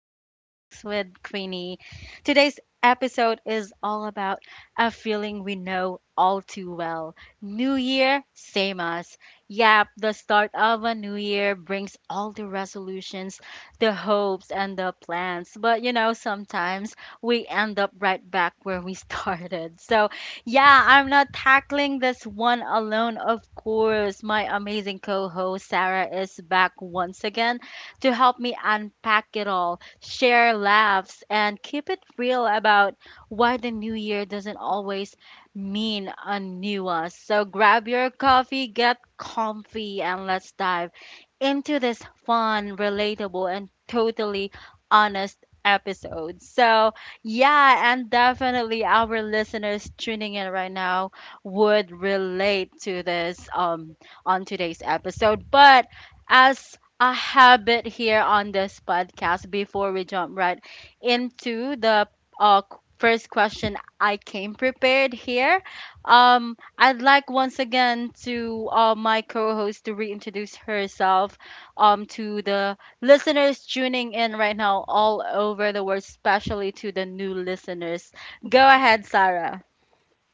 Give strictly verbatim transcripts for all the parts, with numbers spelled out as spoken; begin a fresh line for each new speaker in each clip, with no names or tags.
Chill Talks with Queenie. Today's episode is all about a feeling we know all too well. New Year, same us. Yep, the start of a new year brings all the resolutions, the hopes, and the plans. But you know, sometimes we end up right back where we started. So, yeah, I'm not tackling this one alone, of course. My amazing co host Sarah is back once again to help me unpack it all, share laughs, and keep it real about why the new year doesn't always mean a new us. So grab your coffee, get comfy, and let's dive into this fun, relatable, and totally honest episode. So, yeah, and definitely our listeners tuning in right now would relate to this um on today's episode. But as a habit here on this podcast before we jump right into the uh, q- first question I came prepared here. Um, I'd like once again to uh, my co-host to reintroduce herself um, to the listeners tuning in right now all over the world, especially to the new listeners. Go ahead, Sarah.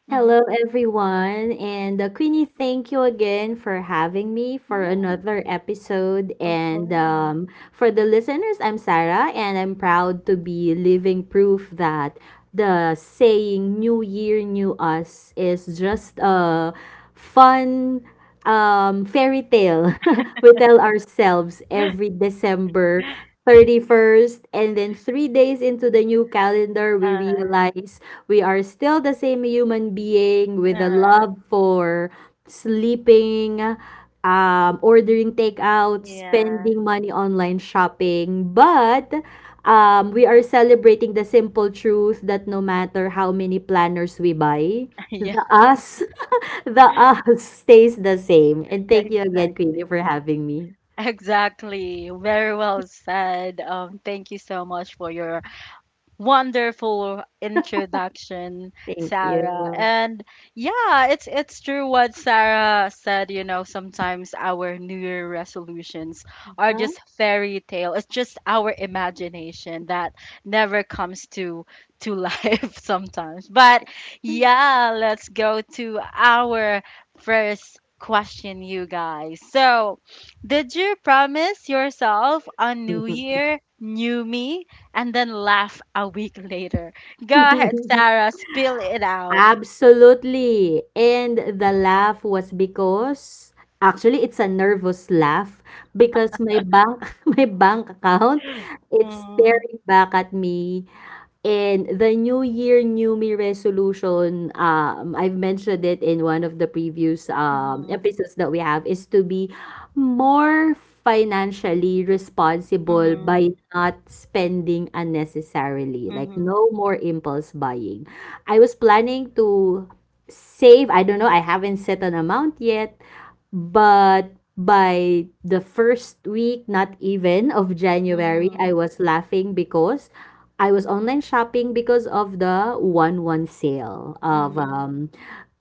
Mm-hmm.
Hello, everyone. And uh, Queenie, thank you again for having me for
Yeah,
another episode.
of
And
course.
um, For the listeners, I'm Sarah, and I'm proud to be living proof that the saying New Year, New Us is just a fun um, fairy tale we tell ourselves every December thirty-first. And then three days into the new calendar, we
Uh,
realize we are still the same human being with a
uh,
love for sleeping, um, ordering takeout,
yeah,
spending money online shopping. But um, we are celebrating the simple truth that no matter how many planners we buy, the
yeah,
us, the us stays the same. And thank you again, Queenie,
exactly.
for having me.
Exactly. Very well said. Um, thank you so much for your wonderful introduction,
Thank
Sarah.
you.
And yeah, it's it's true what Sarah said, you know, sometimes our New Year resolutions are
Huh?
just fairy tale. It's just our imagination that never comes to to life sometimes. But yeah, let's go to our first question you guys. So, did you promise yourself a new year, new me and then laugh a week later? Go ahead, Sarah, spill it out.
Absolutely, and the laugh was because actually it's a nervous laugh because my bank my bank account, it's
Mm,
staring back at me. And the New Year, New Me resolution, um, I've mentioned it in one of the previous um,
mhm,
episodes that we have, is to be more financially responsible by
mhm,
not spending unnecessarily, like
mhm,
no more impulse buying. I was planning to save, I don't know, I haven't set an amount yet, but by the first week, not even of January, I
mhm,
was laughing because I was online shopping because of the one one sale of
mhm,
um,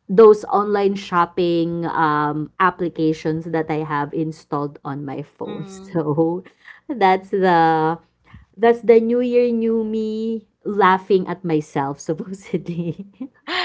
those online shopping um, applications that I have installed on my phone.
mhm.
So that's the that's the new year new me laughing at myself supposedly.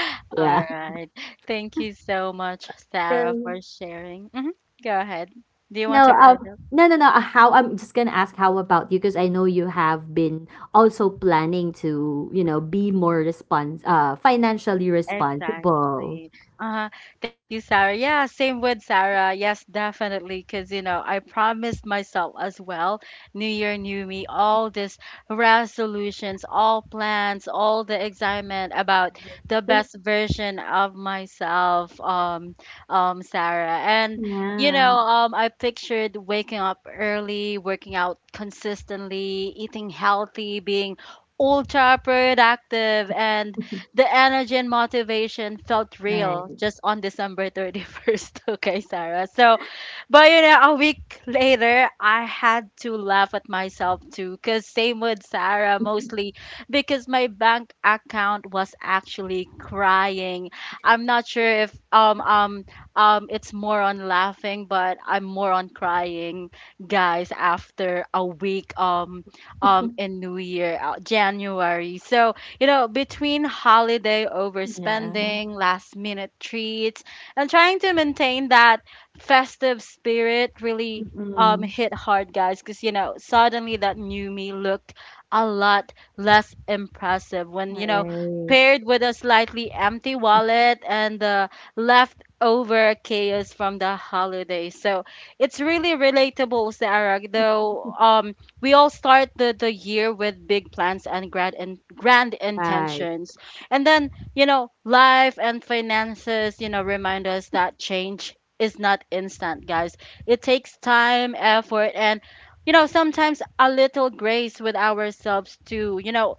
All
Yeah.
right. Thank you so much, Sarah, for
Um,
sharing. Mhm. Go ahead. Do you want
No,
to add?
um no no no uh, how I'm just going to ask how about you, because I know you have been also planning to, you know, be more respons uh financially responsible.
Exactly. Uh, Thank you, Sarah. Yeah, same with Sarah. Yes, definitely. Because, you know, I promised myself as well, New Year, New Me, all these resolutions, all plans, all the excitement about the
Since.
best version of myself, um, um, Sarah. And, you know, um, I pictured waking up early, working out consistently, eating healthy, being ultra productive and the energy and motivation felt real
Right.
just on December thirty-first, okay, Sarah. So, but you know, a week later, I had to laugh at myself too, because same with Sarah mostly, because my bank account was actually crying. I'm not sure if um um um it's more on laughing, but I'm more on crying, guys. After a week um um in New Year, uh, January, so you know between holiday
Yeah.
overspending, last minute treats, and trying to maintain that festive spirit really um
Mm-mm.
hit hard guys because you know suddenly that new me looked a lot less impressive when you know
Right.
paired with a slightly empty wallet and the leftover chaos from the holiday so it's really relatable Sarah though um we all start the the year with big plans and grand and grand
Right.
intentions and then you know life and finances you know remind us that change is not instant, guys. It takes time, effort, and you know, sometimes a little grace with ourselves to, you know,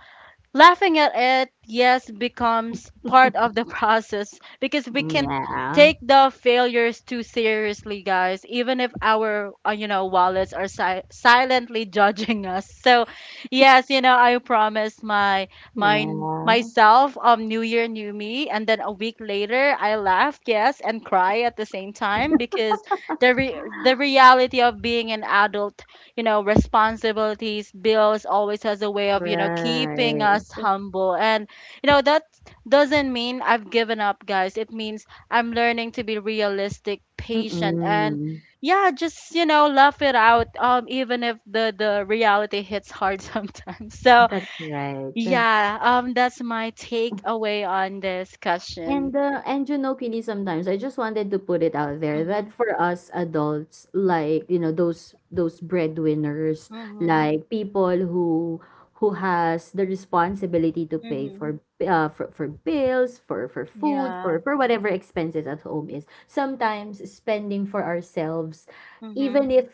laughing at it, yes, becomes part of the process because we can
Yeah.
take the failures too seriously, guys, even if our, uh, you know, wallets are si- silently judging us. So, yes, you know, I promised my my
Yeah.
myself um new year new me and then a week later I laughed, yes, and cry at the same time because the re- the reality of being an adult you know, responsibilities, bills always has a way of, you know, keeping
Right.
us humble. And, you know, that doesn't mean I've given up, guys. It means I'm learning to be realistic, patient, and
Mm-mm.
yeah, just, you know, laugh it out, um, even if the, the reality hits hard sometimes. So,
That's right.
yeah, um, that's my takeaway on this question.
And uh, and you know, Kini, sometimes I just wanted to put it out there
Mm-hmm,
that for us adults, like you know, those those breadwinners,
mm-hmm,
like people who who has the responsibility to pay
mm-hmm.
for uh, for, for bills, for for food,
Yeah.
for for whatever expenses at home is. Sometimes spending for ourselves,
Mm-hmm,
even if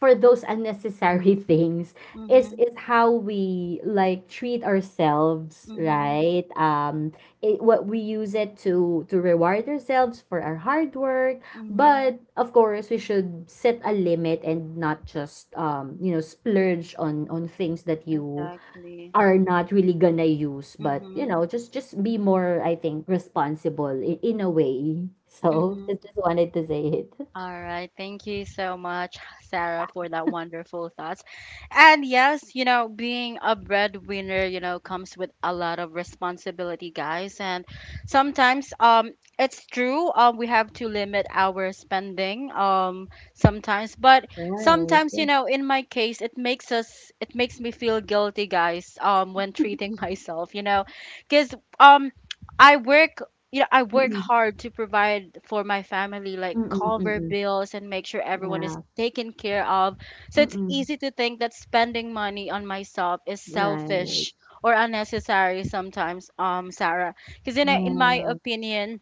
for those unnecessary things, is
mm-hmm,
is how we like treat ourselves,
mm-hmm,
right? Um it, what we use it to to reward ourselves for our hard work.
mm-hmm.
But of course we should set a limit and not just um you know splurge on on things that you
Exactly.
are not really gonna use. But you
Mm-hmm.
know, just just be more, I think, responsible in, in a way, so
Mm-hmm.
I just wanted to say it.
All right. Thank you so much, Sarah, for that wonderful thoughts. And yes, you know, being a breadwinner, you know, comes with a lot of responsibility, guys. And sometimes, um, it's true, um, we have to limit our spending, um, sometimes. But
Right.
sometimes, you know, in my case, it makes us, it makes me feel guilty, guys, um, when treating myself, you know, because um. I work you know, I work
Mm-mm.
hard to provide for my family, like
Mm-mm.
cover
Mm-mm.
bills and make sure everyone is
Yeah.
taken care of. So it's
Mm-mm.
easy to think that spending money on myself is
Right.
selfish or unnecessary sometimes, um, Sarah. Because you know, in my
Yeah.
opinion,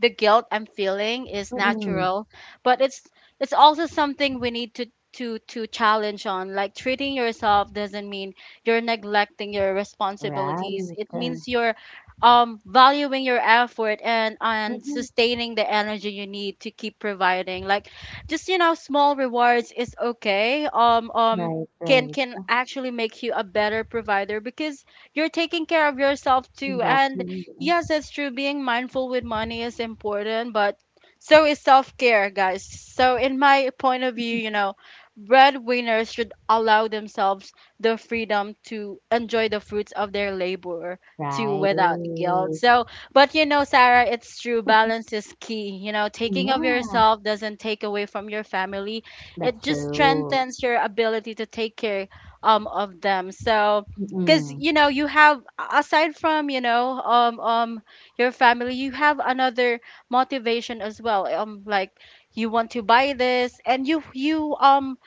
the guilt I'm feeling is
Mm-mm.
natural, but it's it's also something we need to to to challenge on. Like treating yourself doesn't mean you're neglecting your responsibilities.
Right.
It
Uh,
means you're um valuing your effort and and
mhm.
sustaining the energy you need to keep providing. Like just you know small rewards is okay. Um um
Right.
can
Right.
can actually make you a better provider because you're taking care of yourself too and
Exactly.
yes, that's true. Being mindful with money is important, but so is self care, guys. So, in my point of view, you know, breadwinners should allow themselves the freedom to enjoy the fruits of their labor too
Right.
without guilt. So, but you know, Sarah, it's true. Balance is key. You know, taking of
Yeah,
yourself doesn't take away from your family, it
that's
just
true.
strengthens your ability to take care um, of them. So, because
Mm-mm.
you know you have aside from you know um um your family you have another motivation as well um like you want to buy this and you you um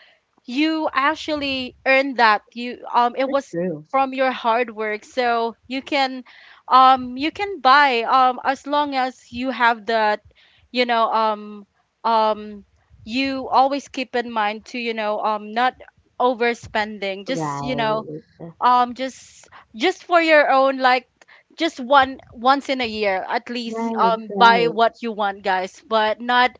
you actually earned that you um it
That's
was
true.
from your hard work so you can um you can buy um as long as you have that you know um um you always keep in mind to you know um not overspending just you know
Right.
um just just for your own like just one once in a year at least
Right,
um buy
right.
what you want guys but not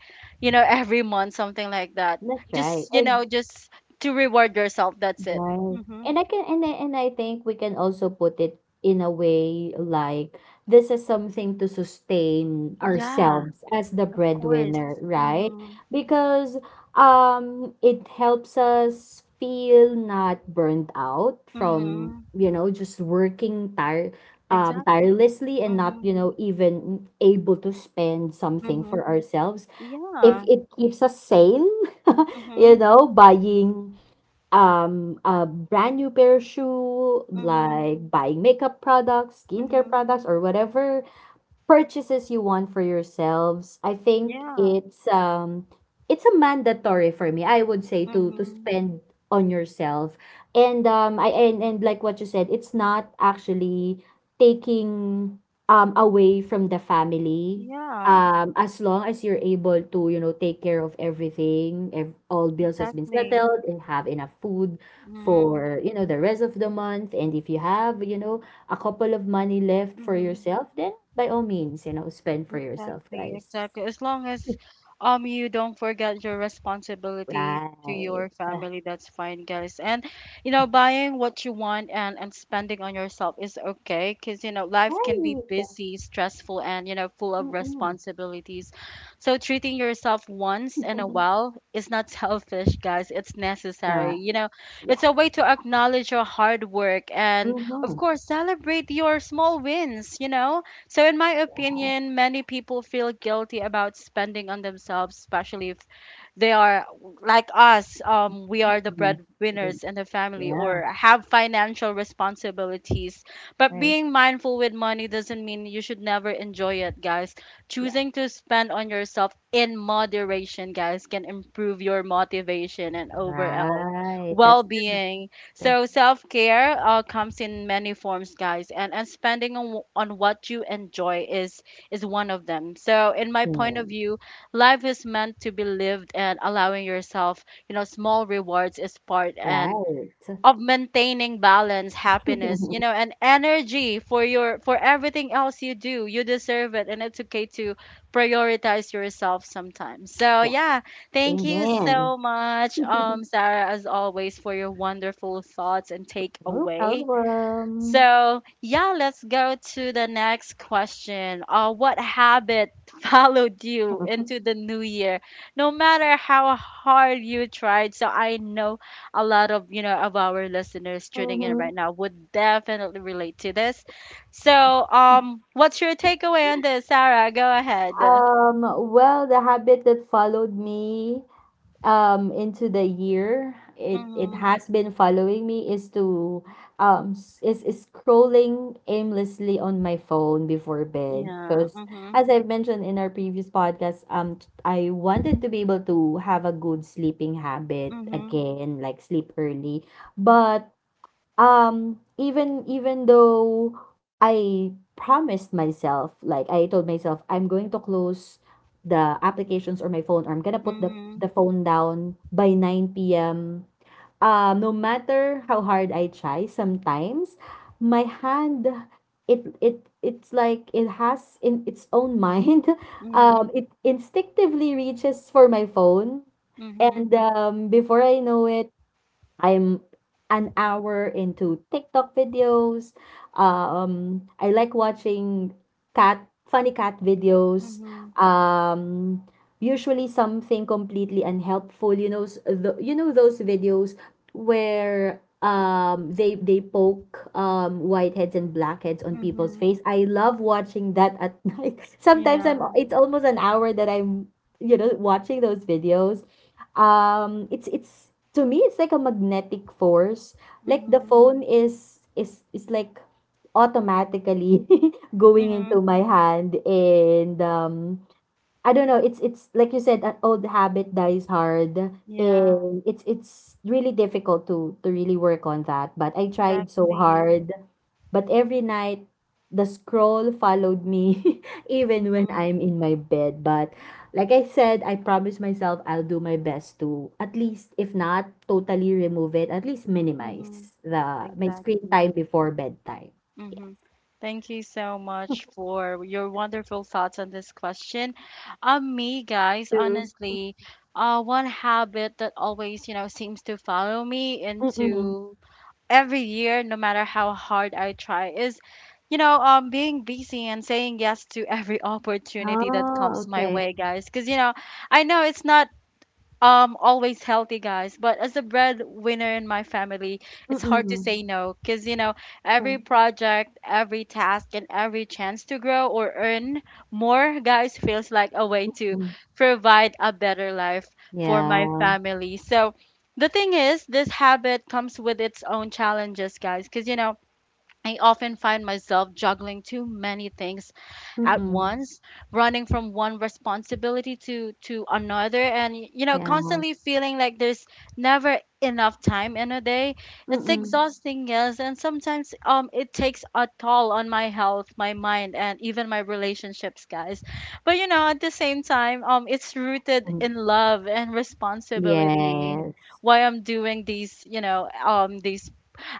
you know every month something like that
That's right.
just you
And
know just to reward yourself that's it
right.
mhm.
And I can and I, and I think we can also put it in a way like, this is something to sustain
Yeah.
ourselves as the breadwinner, right?
Mhm,
Because um it helps us feel not burnt out from,
mhm,
you know, just working tire um
exactly,
tirelessly, and not,
mhm,
you know, even able to spend something for
mhm,
ourselves. If
yeah,
it keeps us sane, you
mhm,
know, buying um a brand new pair of shoe,
mhm,
like buying makeup products, skincare
mhm,
products, or whatever purchases you want for yourselves, I think
yeah,
it's um it's a mandatory for me, I would say, to to
mhm,
spend on yourself. And um i and, and like what you said, it's not actually taking um away from the family,
yeah,
um as long as you're able to, you know, take care of everything, ev- all bills has been
exactly,
settled and have enough food
mhm,
for, you know, the rest of the month. And if you have, you know, a couple of money left for
mhm.
yourself, then by all means, you know, spend for yourself,
Exactly,
guys.
exactly. As long as um you don't forget your responsibility to
Right.
your family, that's fine, guys. And you know, buying what you want and and spending on yourself is okay, cause you know, life can be
Right.
busy, stressful, and you know, full of
Mm-mm.
responsibilities. So treating yourself once in a while is not selfish, guys. It's necessary.
Not.
You know,
Yes.
it's a way to acknowledge your hard work and of
Mhm.
course celebrate your small wins, you know so, in my
Right.
opinion, many people feel guilty about spending on themselves, especially if they are like us um, we are the
Mhm.
breadwinners in the family
Yeah.
or have financial responsibilities but
Right.
being mindful with money doesn't mean you should never enjoy it guys
Yes.
choosing to spend on yourself in moderation guys can improve your motivation and overall
Right. That's the
well-being
the-
so self-care uh, comes in many forms guys and and spending on, on what you enjoy is is one of them so in my point of
hmm,
view life is meant to be lived and allowing yourself you know small rewards is part and
right.
of maintaining balance happiness you know and energy for your for everything else you do you deserve it and it's okay to prioritize yourself sometimes so
Yeah.
yeah thank you so
Amen.
much um Sarah as always for your wonderful thoughts and
No
takeaway
problem.
so, yeah, let's go to the next question. Uh, what habit followed you into the new year? No matter how hard you tried. So, I know a lot of, you know, of our listeners
Mhm.
tuning in right
Mhm.
now would definitely relate to this. So, um, what's your takeaway on this, Sarah? Go ahead.
Um, well, the habit that followed me um, into the year, it it
Mhm.
has been following me, is to um s- is, is scrolling aimlessly on my phone before bed,
Yeah.
because
Mhm.
as I mentioned in our previous podcast, um t- I wanted to be able to have a good sleeping habit
Mhm.
again, like sleep early, but um, even even though I promised myself, like I told myself, I'm going to close the applications or my phone, or I'm gonna put the,
Mhm.
the phone down by nine p m. Um, no matter how hard I try, sometimes my hand, it it it's like it has in its own mind. Um,
Mhm.
it instinctively reaches for my phone,
Mhm.
and um, before I know it, I'm an hour into TikTok videos. Um, I like watching cat funny cat videos.
Mhm.
Um, usually something completely unhelpful. You know, s- the, you know those videos where um they they poke um whiteheads and blackheads on people's
Mhm.
face. I love watching that at night. Sometimes I'm
Yeah.
it's almost an hour that I'm, you know, watching those videos. Um, it's it's to me, it's like a magnetic force. Like the
Mhm.
phone is is is like automatically going into
Mhm.
my hand. And um I don't know, it's it's like you said, an old habit dies hard,
Yeah,
and it's it's really difficult to to really work on that. But I tried so
exactly.
hard. But every night, the scroll followed me, even when
Mm-hmm.
I'm in my bed. But like I said, I promise myself I'll do my best to at least, if not totally remove it, at least
Mm-hmm.
minimize the my screen time
Exactly.
before bedtime. Yeah.
Mm-hmm. Thank you so much for your wonderful thoughts on this question. Um, me, guys,
True.
honestly, uh, one habit that always, you know, seems to follow me
Mm-mm.
into every year, no matter how hard I try, is, you know, um, being busy and saying yes to every opportunity that
Oh,
comes my
okay.
way, guys. Because, you know, I know it's not um always healthy guys but as a breadwinner in my family it's hard to
Mm-mm.
say no because you know
Okay.
every project every task and every chance to grow or earn more guys feels like a way to
Mm.
provide a better life for my
Yeah.
family so the thing is this habit comes with its own challenges guys because you know I often find myself juggling too many things at
Mm-mm.
once, running from one responsibility to to another and you know
Yeah.
constantly feeling like there's never enough time in a day. It's
Mm-mm.
exhausting, yes, and sometimes um it takes a toll on my health, my mind and even my relationships, guys. But you know, at the same time, um it's rooted
Mm.
in love and responsibility
Yes.
why I'm doing these, you know, um, these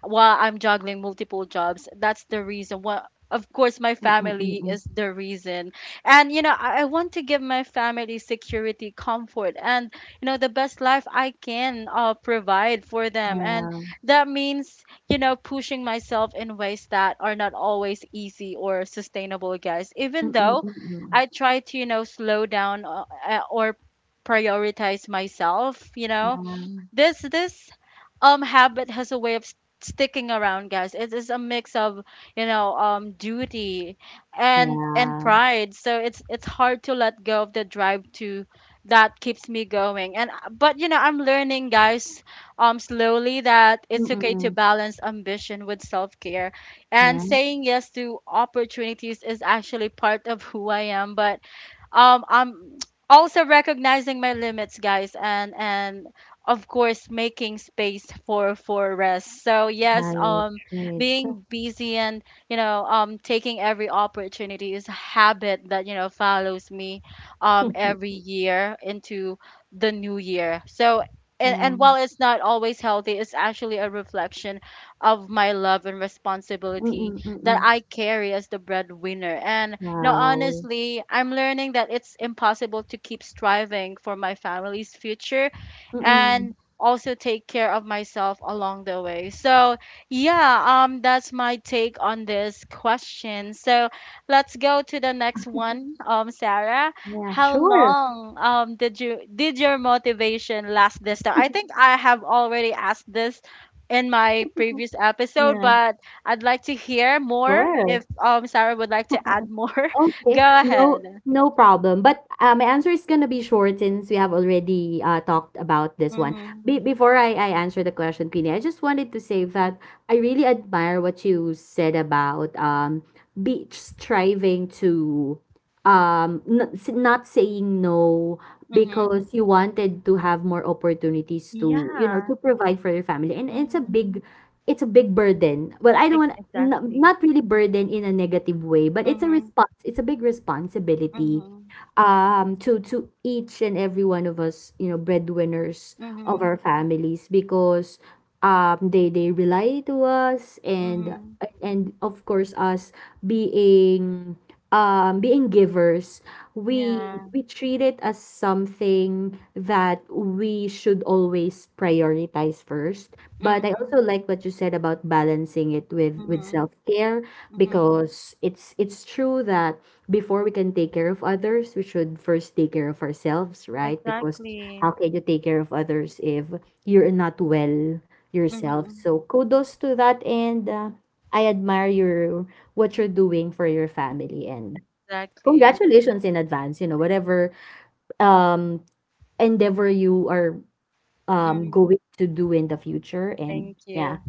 while I'm juggling multiple jobs. That's the reason. Well, of course, my
Mm-mm.
family
Mm-mm.
is the reason. And, you know, I, I want to give my family security, comfort, and, you know, the best life I can uh, provide for them. And
Yeah.
that means, you know, pushing myself in ways that are not always easy or sustainable, guys. Even
Mm-mm.
though
Mm-mm.
I try to, you know, slow down uh, uh, or prioritize myself, you
Yeah.
know, this this um habit has a way of s- sticking around, guys. It is a mix of, you know, um duty and and
Yeah.
pride. So it's it's hard to let go of the drive to that keeps me going. And uh, but you know, I'm learning, guys, um slowly that it's okay to
Mm.
balance ambition with self-care, and
Yeah,
saying yes to opportunities is actually part of who I am. But um I'm also recognizing my limits, guys, and and of course making space for for rest. So yes,
right,
um
right.
being busy and, you know, um taking every opportunity is a habit that, you know, follows me um every year into the new year. So and,
Yeah.
and while it's not always healthy, it's actually a reflection of my love and responsibility
Mm,
that
mm.
I carry as the breadwinner. And no,
Wow.
honestly, I'm learning that it's impossible to keep striving for my family's future and
Mm.
also take care of myself along the way. So, yeah, um that's my take on this question. So, let's go to the next one. Um Sarah,
Yeah,
how
sure.
long um did you did your motivation last this time? I think I have already asked this in my previous episode,
Yeah,
but I'd like to hear more if
sure.
um Sarah would like to add more.
Okay,
Go
no
ahead.
no problem. But uh, my answer is gonna be short since we have already, uh, talked about this one.
Mhm.
Be- before I, I answer the question, Queenie, I just wanted to say that I really admire what you said about um be striving to, um n- s- not saying no
Mhm.
because you wanted to have more opportunities to, you know,
Yeah.
to provide for your family, and it's a
Mhm.
big, it's a big burden. Well, I don't
Ex-
want, n-
exactly.
not really burden in a negative way, but it's a
Mhm.
response. it's a big responsibility
Mhm.
um to to each and every one of us, you know, breadwinners of
Mhm.
our families, because um they they rely to us, and
Mhm.
and of course us being, um being givers, we
Yeah.
we treat it as something that we should always prioritize first. But I
Mhm.
also like what you said about balancing it with with
Mhm.
self-care,
Mhm.
because it's it's true that before we can take care of others, we should first take care of ourselves, right? Because
Exactly.
how can you take care of others if you're not well yourself?
Mhm.
So kudos to that. And uh, I admire your what you're doing for your family, and
Exactly.
congratulations in advance, you know, whatever um endeavor you are um
Mm.
going to do in the future. And
Thank
yeah,
you.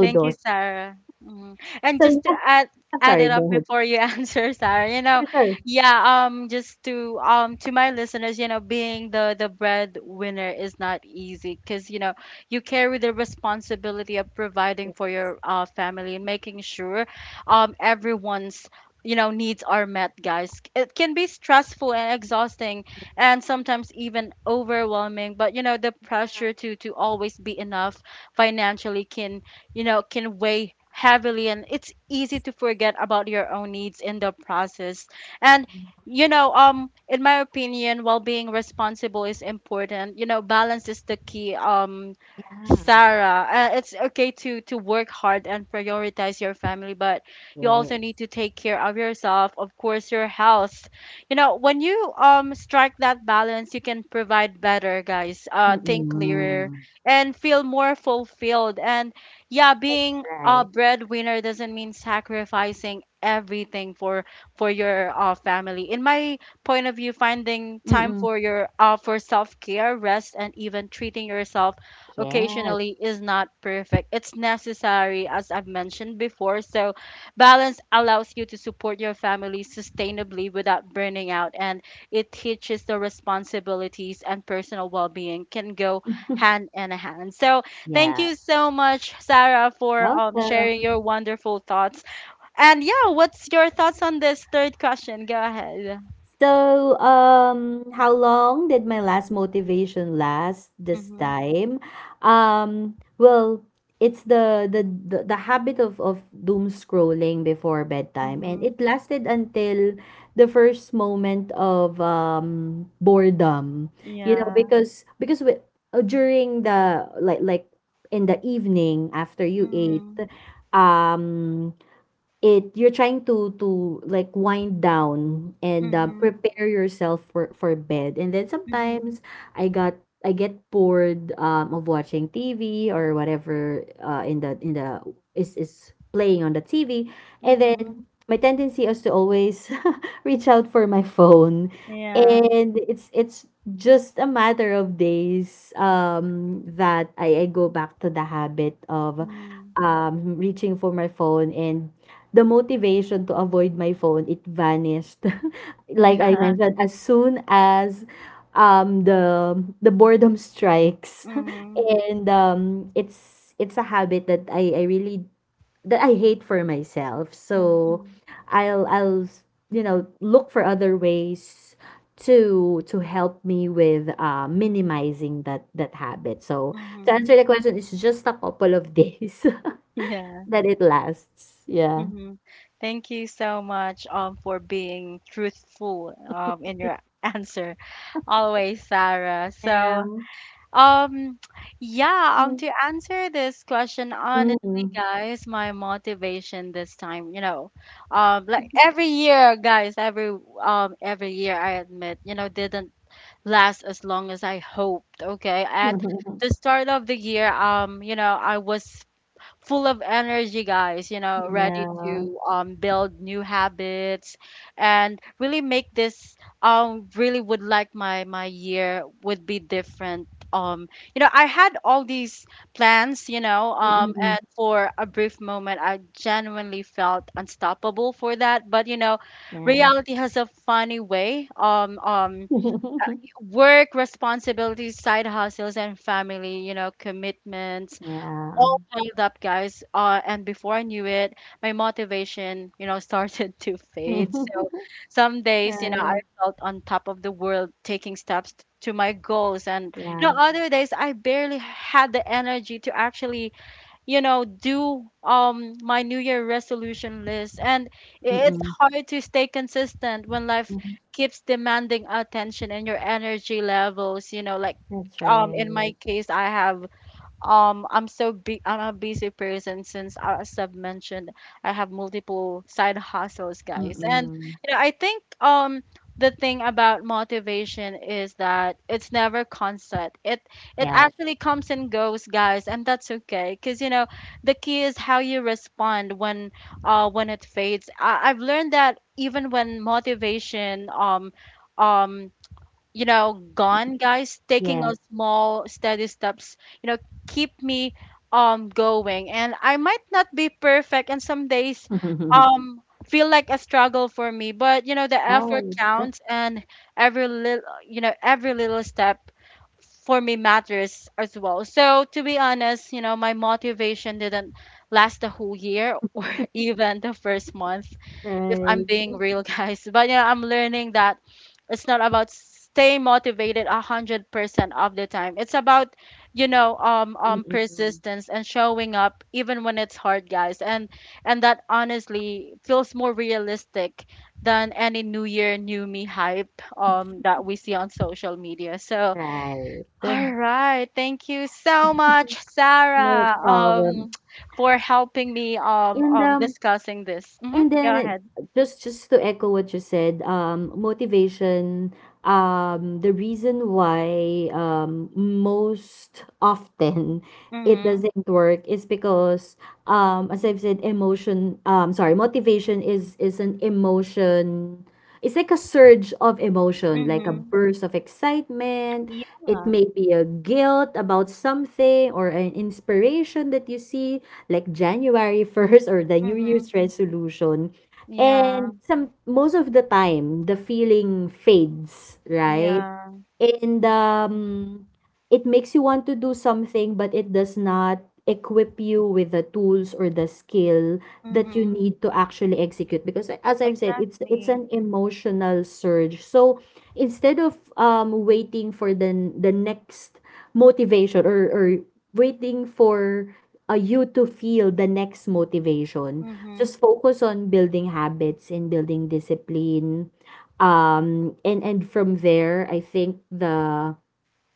Thank you, Sarah. Mhm. And
So
just to
yeah,
add
I'm
add
sorry,
it
go
up
ahead.
before you answer, Sarah. You know,
Sure, sure.
yeah, um just to um to my listeners, you know, being the the breadwinner is not easy because, you know, you carry the responsibility of providing
Yeah.
for your uh, family and making sure um everyone's, you know, needs are met, guys. It can be stressful and exhausting and sometimes even overwhelming. But you know, the pressure to to always be enough financially can, you know, can weigh heavily, and it's easy to forget about your own needs in the process. And you know, um, in my opinion, while being responsible is important, you know, balance is the key. Um,
Yeah.
Sarah, uh, it's okay to to work hard and prioritize your family, but you also need
Yes.
to take care of yourself, of course, your health. You know, when you um strike that balance, you can provide better, guys. Uh, think clearer
Mm-mm.
and feel more fulfilled. And yeah, being a
Right.
breadwinner doesn't mean sacrificing everything for for your uh, family. In my point of view, finding time
Mm-mm.
for your uh, for self-care, rest, and even treating yourself
Yeah.
occasionally is not perfect, it's necessary, as I've mentioned before. So balance allows you to support your family sustainably without burning out, and it teaches the responsibilities and personal well-being can go hand in hand. So thank
Yeah.
you so much, Sarah, for um
Welcome.
sharing your wonderful thoughts. And yeah, what's your thoughts on this third question? Go ahead.
So, um, how long did my last motivation last this
Mm-hmm.
time? Um, well, it's the the the, the habit of of doom scrolling before bedtime, and it
Mm-hmm.
lasted until the first moment of um boredom. You know,
Yeah.
because because we, uh, during the, like like in the evening after you ate,
Mm-hmm.
um it you're trying to to like wind down, and uh,
Mm-hmm.
prepare yourself for for bed. And then
Mm-hmm.
sometimes i got i get bored, um, of watching TV or whatever, uh, in the, in the is is playing on the TV. And
Mm-hmm.
then my tendency is to always reach out for my phone,
Yeah.
and it's it's just a matter of days um that i, I go back to the habit of
Mm-hmm.
um reaching for my phone. And the motivation to avoid my phone, it vanished like I
Yeah.
mentioned, as soon as um the the boredom strikes.
Mm-hmm.
And um it's it's a habit that I I really that I hate for myself. So
Mm-hmm.
i'll i'll you know look for other ways to to help me with uh minimizing that that habit. So to
Mm-hmm.
answer the question, it's just a couple of days
Yeah.
that it lasts. Yeah.
Mm-hmm. Thank you so much um for being truthful um in your answer always, Sarah.
Yeah.
So Um, yeah, um,
Mm.
to answer this question, honestly,
Mm.
guys, my motivation this time, you know, um, like every year, guys, every um, every year, I admit, you know, didn't last as long as I hoped. Okay, at the start of the year, um, you know, I was full of energy, guys, you know, ready
Yeah.
to um, build new habits and really make this um really would like my my year would be different. um you know, I had all these plans, you know, um
Mm-mm.
and for a brief moment I genuinely felt unstoppable for that. But you know,
Yeah.
reality has a funny way um um work responsibilities, side hustles, and family, you know, commitments
Yeah.
all piled up, guys. Uh, and before I knew it, my motivation, you know, started to fade. So some days, you know, I
Right.
felt on top of the world, taking steps t- to my goals, and you know,
Yeah.
other days I barely had the energy to actually, you know, do um my New Year resolution list. And i- it's
Mm-mm.
hard to stay consistent when life
Mhm.
keeps demanding attention and your energy levels. You know, like
That's
um in my
right.
case, I have um I'm so big I'm a busy person since uh, as I've mentioned, I have multiple side hustles, guys. And
Mm-mm.
you know, I think um the thing about motivation is that it's never constant. It it
Yes.
actually comes and goes, guys, and that's okay, because you know, the key is how you respond when uh when it fades. I, I've learned that even when motivation um um you know, gone, guys. Taking a
Yes.
small, steady steps, you know, keep me um going. And I might not be perfect, and some days um feel like a struggle for me. But you know, the effort
Right.
counts, and every little, you know, every little step for me matters as well. So to be honest, you know, my motivation didn't last the whole year or even the first month, if I'm
Right.
being real, guys. But yeah, I'm learning that it's not about staying motivated a hundred percent of the time. It's about, you know, um um
Mm-mm.
persistence and showing up even when it's hard, guys. And and that honestly feels more realistic than any New Year, New Me hype um that we see on social media. So
Right.
all right. Thank you so much,
No
Sarah,
problem.
um, for helping me um,
And
um
um,
discussing this. hmm
And
Go
then
ahead.
just just to echo what you said, um, motivation, um, the reason why, um, most often, it
Mm-hmm.
doesn't work is because, um, as I've said, emotion, um, sorry, motivation is is an emotion. It's like a surge of emotion, like a
Mm-hmm.
burst of excitement. It
Yeah.
may be a guilt about something or an inspiration that you see, like January first or the New
Mm-hmm.
Year's resolution.
Yeah.
And some most of the time, the feeling fades, right?
Yeah.
And, um, it makes you want to do something, but it does not equip you with the tools or the skill that you
Mm-hmm.
need to actually execute. Because as I've said, it's it's
Exactly.
an emotional surge. So instead of um waiting for the the next motivation or or waiting for uh, you to feel the next motivation, just
Mm-hmm.
focus on building habits and building discipline um and and from there I think the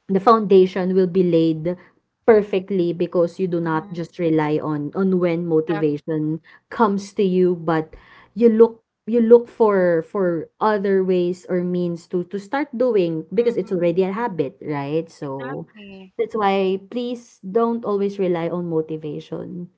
the foundation will be laid perfectly, because you do not
Mm-hmm.
just rely on on when motivation comes to you, but you look you look for for other ways or means to to start doing because it's
Exactly.
already a habit, right? So
Exactly.
that's why, please don't always rely on motivation,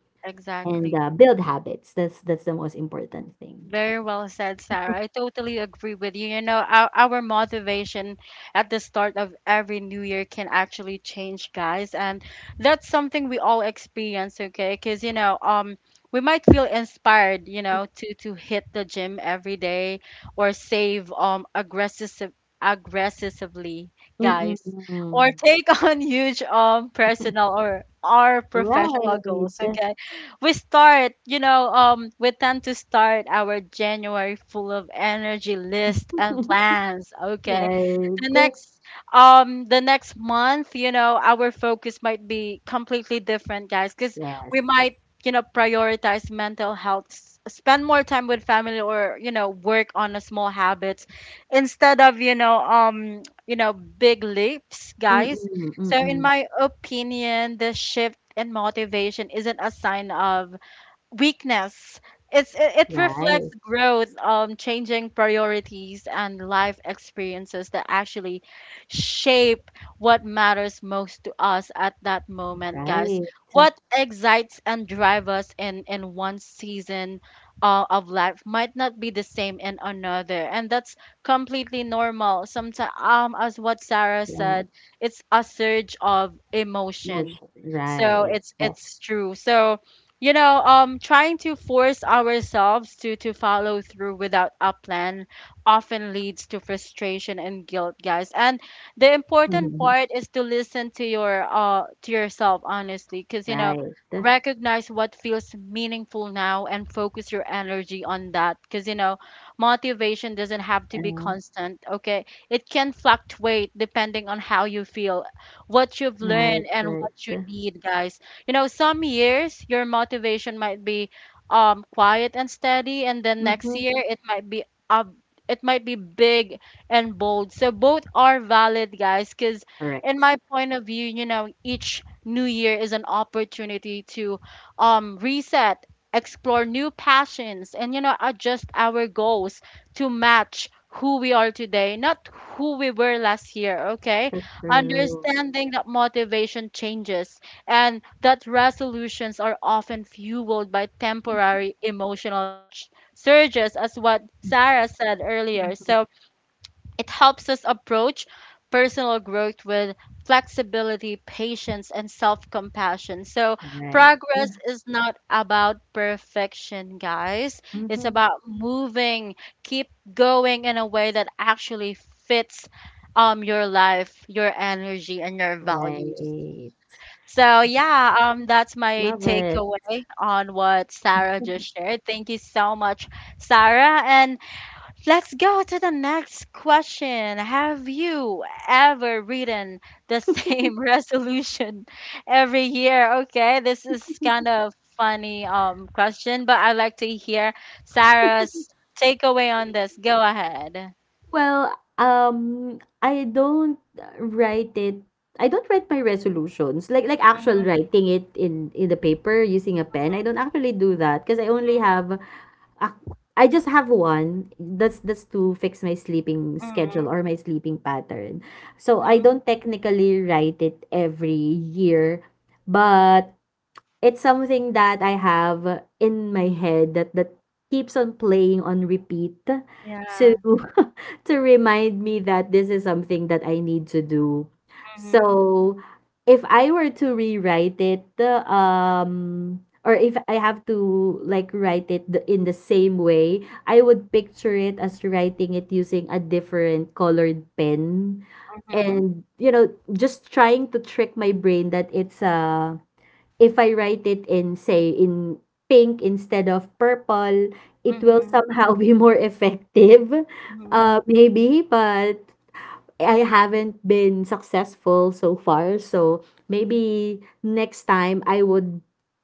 and
Exactly.
uh, build habits. That's that's the most important thing.
Very well said, Sarah. I totally agree with you. You know, our, our motivation at the start of every new year can actually change, guys. And that's something we all experience, okay? Because, you know, um, we might feel inspired, you know, to to hit the gym every day or save um aggressive aggressively, guys,
Mm-mm-mm.
or take on huge um personal or our professional goals,
Right.
okay? We start, you know, um, we tend to start our January full of energy list and plans. Okay. The
Right.
next um the next month, you know, our focus might be completely different, guys, because
Yes.
we might, you know, prioritize mental health, s- spend more time with family or, you know, work on a small habits instead of, you know, um, you know, big leaps, guys.
Mm-mm,
So in
mm-mm.
my opinion, the shift and motivation isn't a sign of weakness. It's it, it reflects
Right,
growth, um, changing priorities and life experiences that actually shape what matters most to us at that moment, guys.
right. Yeah,
What excites and drives us in in one season uh, of life might not be the same in another, and that's completely normal. Sometimes, um, as what Sarah
yeah.
said, it's a surge of
No
emotion.
shit.
So
Right.
it's it's true. So you know, um trying to force ourselves to to follow through without a plan often leads to frustration and guilt, guys. And the important
Mhm.
part is to listen to your uh to yourself honestly, because you know,
Right.
recognize what feels meaningful now and focus your energy on that, because you know, motivation doesn't have to be
Yeah.
constant. Okay, it can fluctuate depending on how you feel, what you've learned,
Right,
and
right.
what you need, guys. You know, some years your motivation might be um quiet and steady, and then next
Mm-hmm.
year it might be up it might be big and bold. So both are valid, guys, because in
Correct.
my point of view, you know, each new year is an opportunity to um reset, explore new passions, and you know, adjust our goals to match who we are today, not who we were last year, okay?
That's true.
Understanding that motivation changes, and that resolutions are often fueled by temporary emotional ch- surges, as what Sarah said earlier.
Mhm.
So it helps us approach personal growth with flexibility, patience, and self compassion. So
Right.
progress
Yeah.
is not about perfection, guys. It's
Mm-hmm.
about moving, keep going in a way that actually fits um your life, your energy, and your values.
Right.
So yeah, um, that's my
Love it.
takeaway on what Sarah just shared. Thank you so much, Sarah. And let's go to the next question. Have you ever written the same resolution every year? Okay, this is kind of funny um question, but I'd like to hear Sarah's takeaway on this. Go ahead.
Well, um, I don't write it I don't write my resolutions, like like actual
Mhm,
writing it in in the paper using a pen. I don't actually do that because I only have a, I just have one. That's that's to fix my sleeping
mhm,
schedule or my sleeping pattern. So I
mhm.
don't technically write it every year, but it's something that I have in my head that that keeps on playing on repeat to
Yeah.
to remind me that this is something that I need to do.
Mhm,
So if I were to rewrite it, uh, um, or if I have to, like, write it the, in the same way, I would picture it as writing it using a different colored pen,
mhm,
and you know, just trying to trick my brain that it's a if I write it in, say, in pink instead of purple, it will
mhm,
somehow be more effective,
mhm,
uh, maybe, but I haven't been successful so far. So maybe next time I would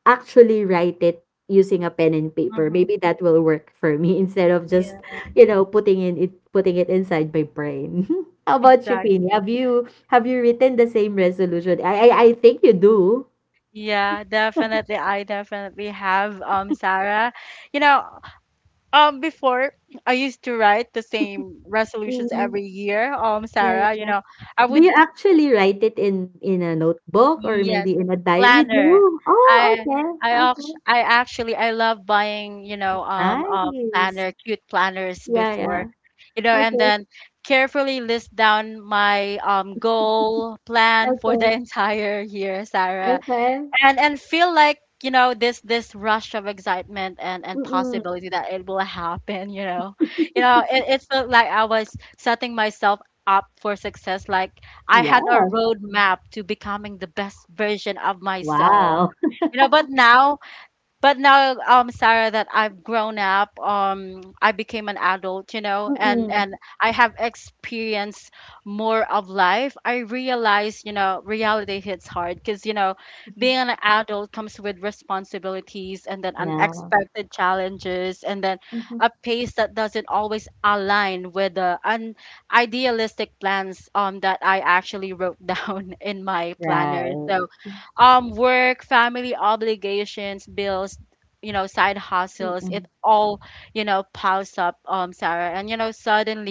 actually write it using a pen and paper.
mhm.
Maybe that will work for me instead of
Yeah,
just, you know, putting in it putting it inside my brain. How about you, Queenie?
exactly.
Have you have you written the same resolution? I I, I think you do.
Yeah, definitely. I definitely have um Sarah. You know, um before I used to write the same resolutions
Hmm.
every year. Um
Yeah, yeah,
Sarah, you
yeah.
know, I
Do
would
you actually write it in in a notebook or
yes,
maybe in a diary? You
planner.
do? Oh,
I
okay.
I
Okay.
act- I actually I love buying, you know, um um
Nice.
planner, cute planners
Yeah, yeah.
before. You know, and
Okay.
then carefully list down my um goal plan for the
Okay.
entire year, Sarah,
Okay.
and and feel like, you know, this this rush of excitement and and
Mm-mm.
possibility that it will happen, you know. You know, it, it felt like I was setting myself up for success. Like I
Yeah.
had a roadmap to becoming the best version of myself,
Wow.
you know. But now but now um Sarah, that I've grown up, um I became an adult, you know, and
Mm-mm.
and I have experienced more of life, I realize, you know, reality hits hard because, you know, being an adult comes with responsibilities and then
Yeah.
unexpected challenges and then
Mhm.
a pace that doesn't always align with the un- idealistic plans um that I actually wrote down in my planner.
Right.
So um work, family obligations, bills, you know, side hustles, it
Mm-mm.
all, you know, piles up, um Sarah. And you know,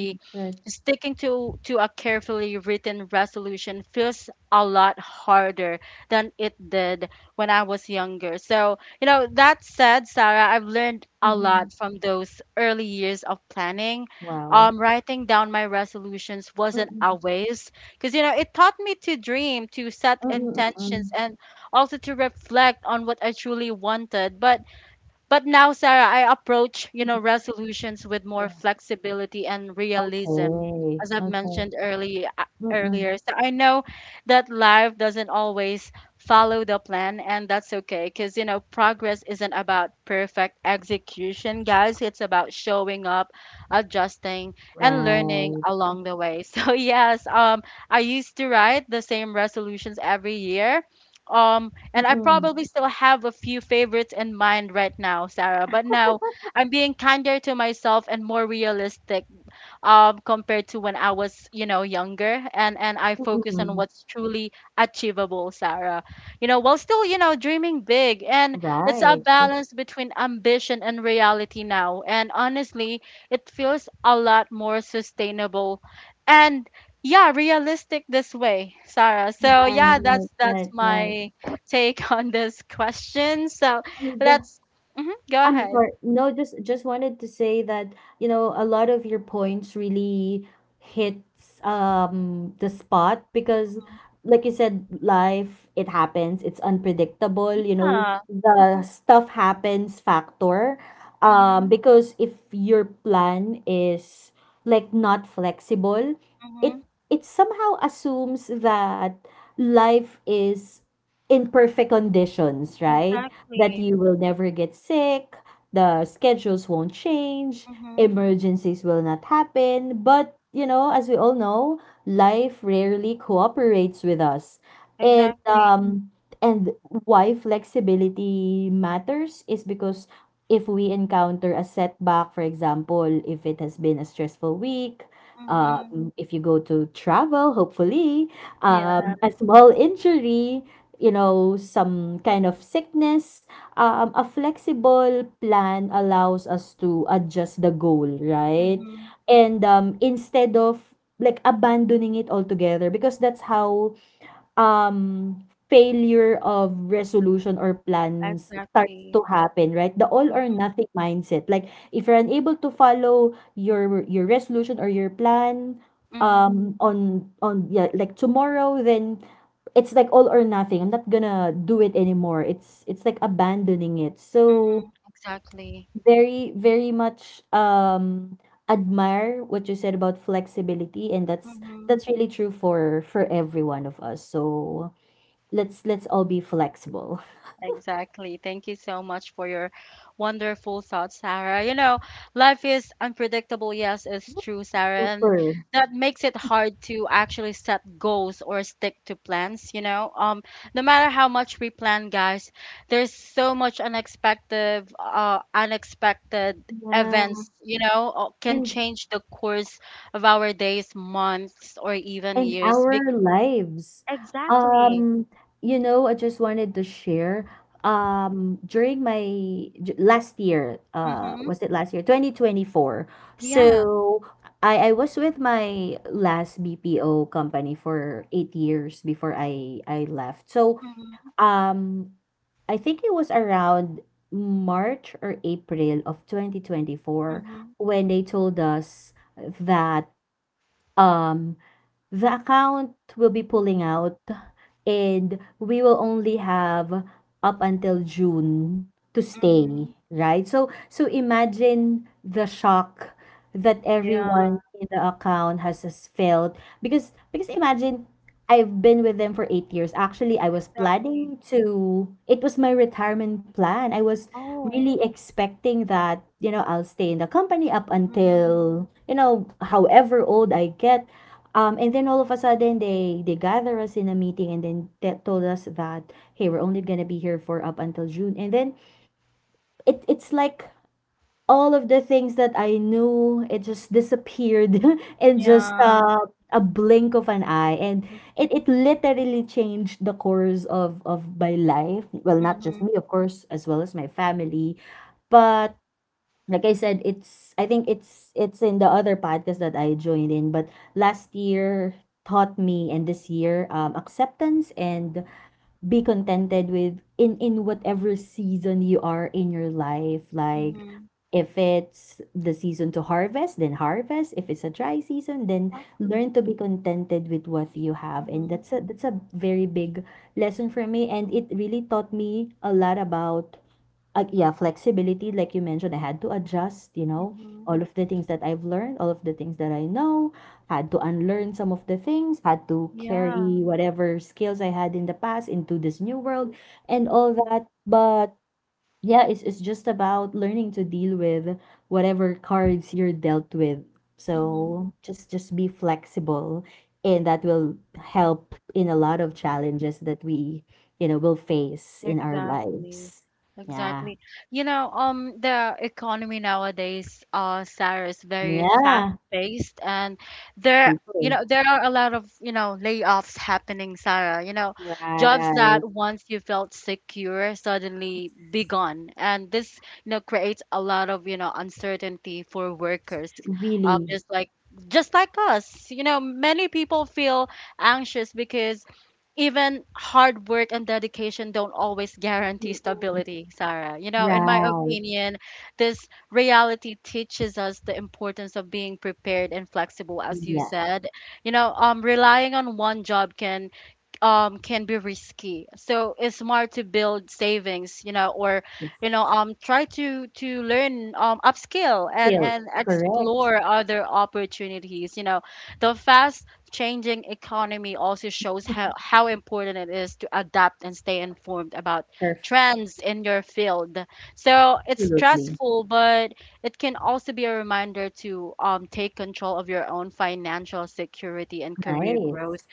Mm, Good.
sticking to to a carefully written resolution feels a lot harder than it did when I was younger. So, you know, that said, Sarah, I've learned a
Mm-hmm.
lot from those early years of planning.
Wow.
Um, writing down my resolutions wasn't a
Mm-mm.
waste, because, you know, it taught me to dream, to set intentions,
Mm-mm.
and also to reflect on what I truly wanted. But but now, Sarah, I approach, you know,
Mm-mm.
resolutions with more
Yeah.
flexibility and realism,
Okay.
as I've
Okay.
mentioned early uh,
Mm-mm.
earlier. So I know that life doesn't always follow the plan, and that's okay, because, you know, progress isn't about perfect execution, guys. It's about showing up, adjusting, and learning
Right.
along the way. so yes, um I used to write the same resolutions every year, um and I
Mm-mm.
probably still have a few favorites in mind right now, Sarah. But now I'm being kinder to myself and more realistic, um, compared to when I was, you know, younger. And and I focus on
Mm-mm.
what's truly achievable, Sarah. You know, while still, you know, dreaming big. And it's a
Right.
balance between ambition and reality now. And honestly, it feels a lot more sustainable and, yeah, realistic this way, Sarah. So
Right,
yeah, that's
right,
that's
right, right.
my take on this question. So
And
let's mhm, go
I'm
ahead.
sorry. No, just just wanted to say that, you know, a lot of your points really hits um the spot because, like you said, life, it happens, it's unpredictable, you know,
Yeah.
the stuff happens factor. Um,
Hmm.
because if your plan is, like, not flexible,
Hmm.
it it somehow assumes that life is in perfect conditions, right? That
Exactly.
you will never get sick, the schedules won't change,
Mm-hmm.
emergencies will not happen. But, you know, as we all know, life rarely cooperates with us. And
Exactly.
um and why flexibility matters is because if we encounter a setback, for example, if it has been a stressful week,
Mm-hmm.
um, if you go to travel, hopefully,
Yeah.
um, a small injury, you know, some kind of sickness, um, a flexible plan allows us to adjust the goal, right?
Mm-hmm.
And, um, instead of, like, abandoning it altogether, because that's how, um, failure of resolution or plans starts to
Exactly.
happen, right? The all or
Mm-hmm.
nothing mindset. Like, if you're unable to follow your your resolution or your plan
Mm-hmm.
um on on yeah, like tomorrow, then it's like all or nothing. I'm not gonna do it anymore. It's it's like abandoning it. So
Mm-hmm. Exactly.
very, very much um admire what you said about flexibility, and that's
Mm-hmm.
that's really true for for every one of us. So, Let's let's all be flexible.
Exactly. Thank you so much for your wonderful thoughts, Sarah. You know, life is unpredictable. Yes, it's true, Sarah. And
Super.
that makes it hard to actually set goals or stick to plans, you know. Um, no matter how much we plan, guys, there's so much unexpected, uh, unexpected Mm,
Yeah.
events, you know, uh, can
And
change the course of our days, months, or even
and
years. Be-
our lives.
exactly.
Um, you know, I just wanted to share. Um, during my j- last year, uh,
Mm-hmm.
was it last year? twenty twenty-four.
Yeah.
So I I was with my last B P O company for eight years before I I left. So
Mm-hmm.
um I think it was around March or April of twenty twenty-four, when they told us that um the account will be pulling out and we will only have up until June to stay,
Mhm.
right? So, so imagine the shock that everyone
Yeah.
in the account has, has felt, because, because imagine, I've been with them for eight years. Actually, I was
Exactly.
planning to it was my retirement plan. I was
Oh.
really expecting that, you know, I'll stay in the company up
Mhm.
until, you know, however old I get. Um, and then all of a sudden, they they gather us in a meeting, and then te- told us that, hey, we're only gonna be here for up until June, and then it it's like all of the things that I knew, it just disappeared in just,
Yeah.
uh, a blink of an eye, and
Mm,
it, it literally changed the course of of my life, well, not just
mhm.
me, of course, as well as my family. But, like I said, it's I think it's it's in the other podcast that I joined in, but last year taught me, and this year, um, acceptance and be contented with in in whatever season you are in your life. Like,
Mhm.
if it's the season to harvest, then harvest; if it's a dry season, then learn
Exactly.
to be contented with what you have. And
Mhm.
that's a that's a very big lesson for me, and it really taught me a lot about, uh, yeah, flexibility, like you mentioned. I had to adjust, you know,
Mhm.
all of the things that I've learned, all of the things that I know, had to unlearn some of the things, had to
Yeah.
carry whatever skills I had in the past into this new world and all
Mhm.
that. But yeah, it's, it's just about learning to deal with whatever cards you're dealt with.
Mhm.
So, just just be flexible, and that will help in a lot of challenges that we, you know, will face in our
Exactly.
lives. Yeah.
Exactly. You know, um, the economy nowadays, uh, Sarah, is very
Yeah,
fast-paced, and there, you
super.
know, there are a lot of, you know, layoffs happening, Sarah. You know, jobs
Right.
that once you felt secure suddenly be gone, and this, you know, creates a lot of, you know, uncertainty for workers, um,
Really.
just like. Just like us, you know, many people feel anxious because even hard work and dedication don't always guarantee
Mhm.
stability, Sarah. You know, in my
Right.
opinion, this reality teaches us the importance of being prepared and flexible, as you
Yes.
said. You know, um, relying on one job can um can be risky. So it's smart to build savings, you know, or, you know, um try to to learn, um upskill, and
Skills.
and
Correct.
explore other opportunities, you know. The fast changing economy also shows how how important it is to adapt and stay informed about trends in your field. So it's
Absolutely.
stressful, but it can also be a reminder to um take control of your own financial security and career
Nice.
growth.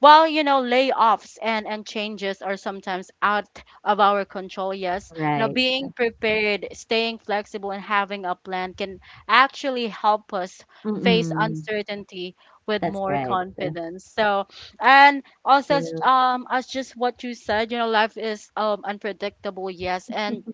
Well, you know, layoffs and and changes are sometimes out of our control. Yes, you know,
Right.
being prepared, staying flexible, and having a plan can actually help us face
Mm-mm.
uncertainty with
That's
more
right.
confidence. So, and also,
Skill.
um, as just what you said, you know, life is um unpredictable. Yes, and
Mm-mm.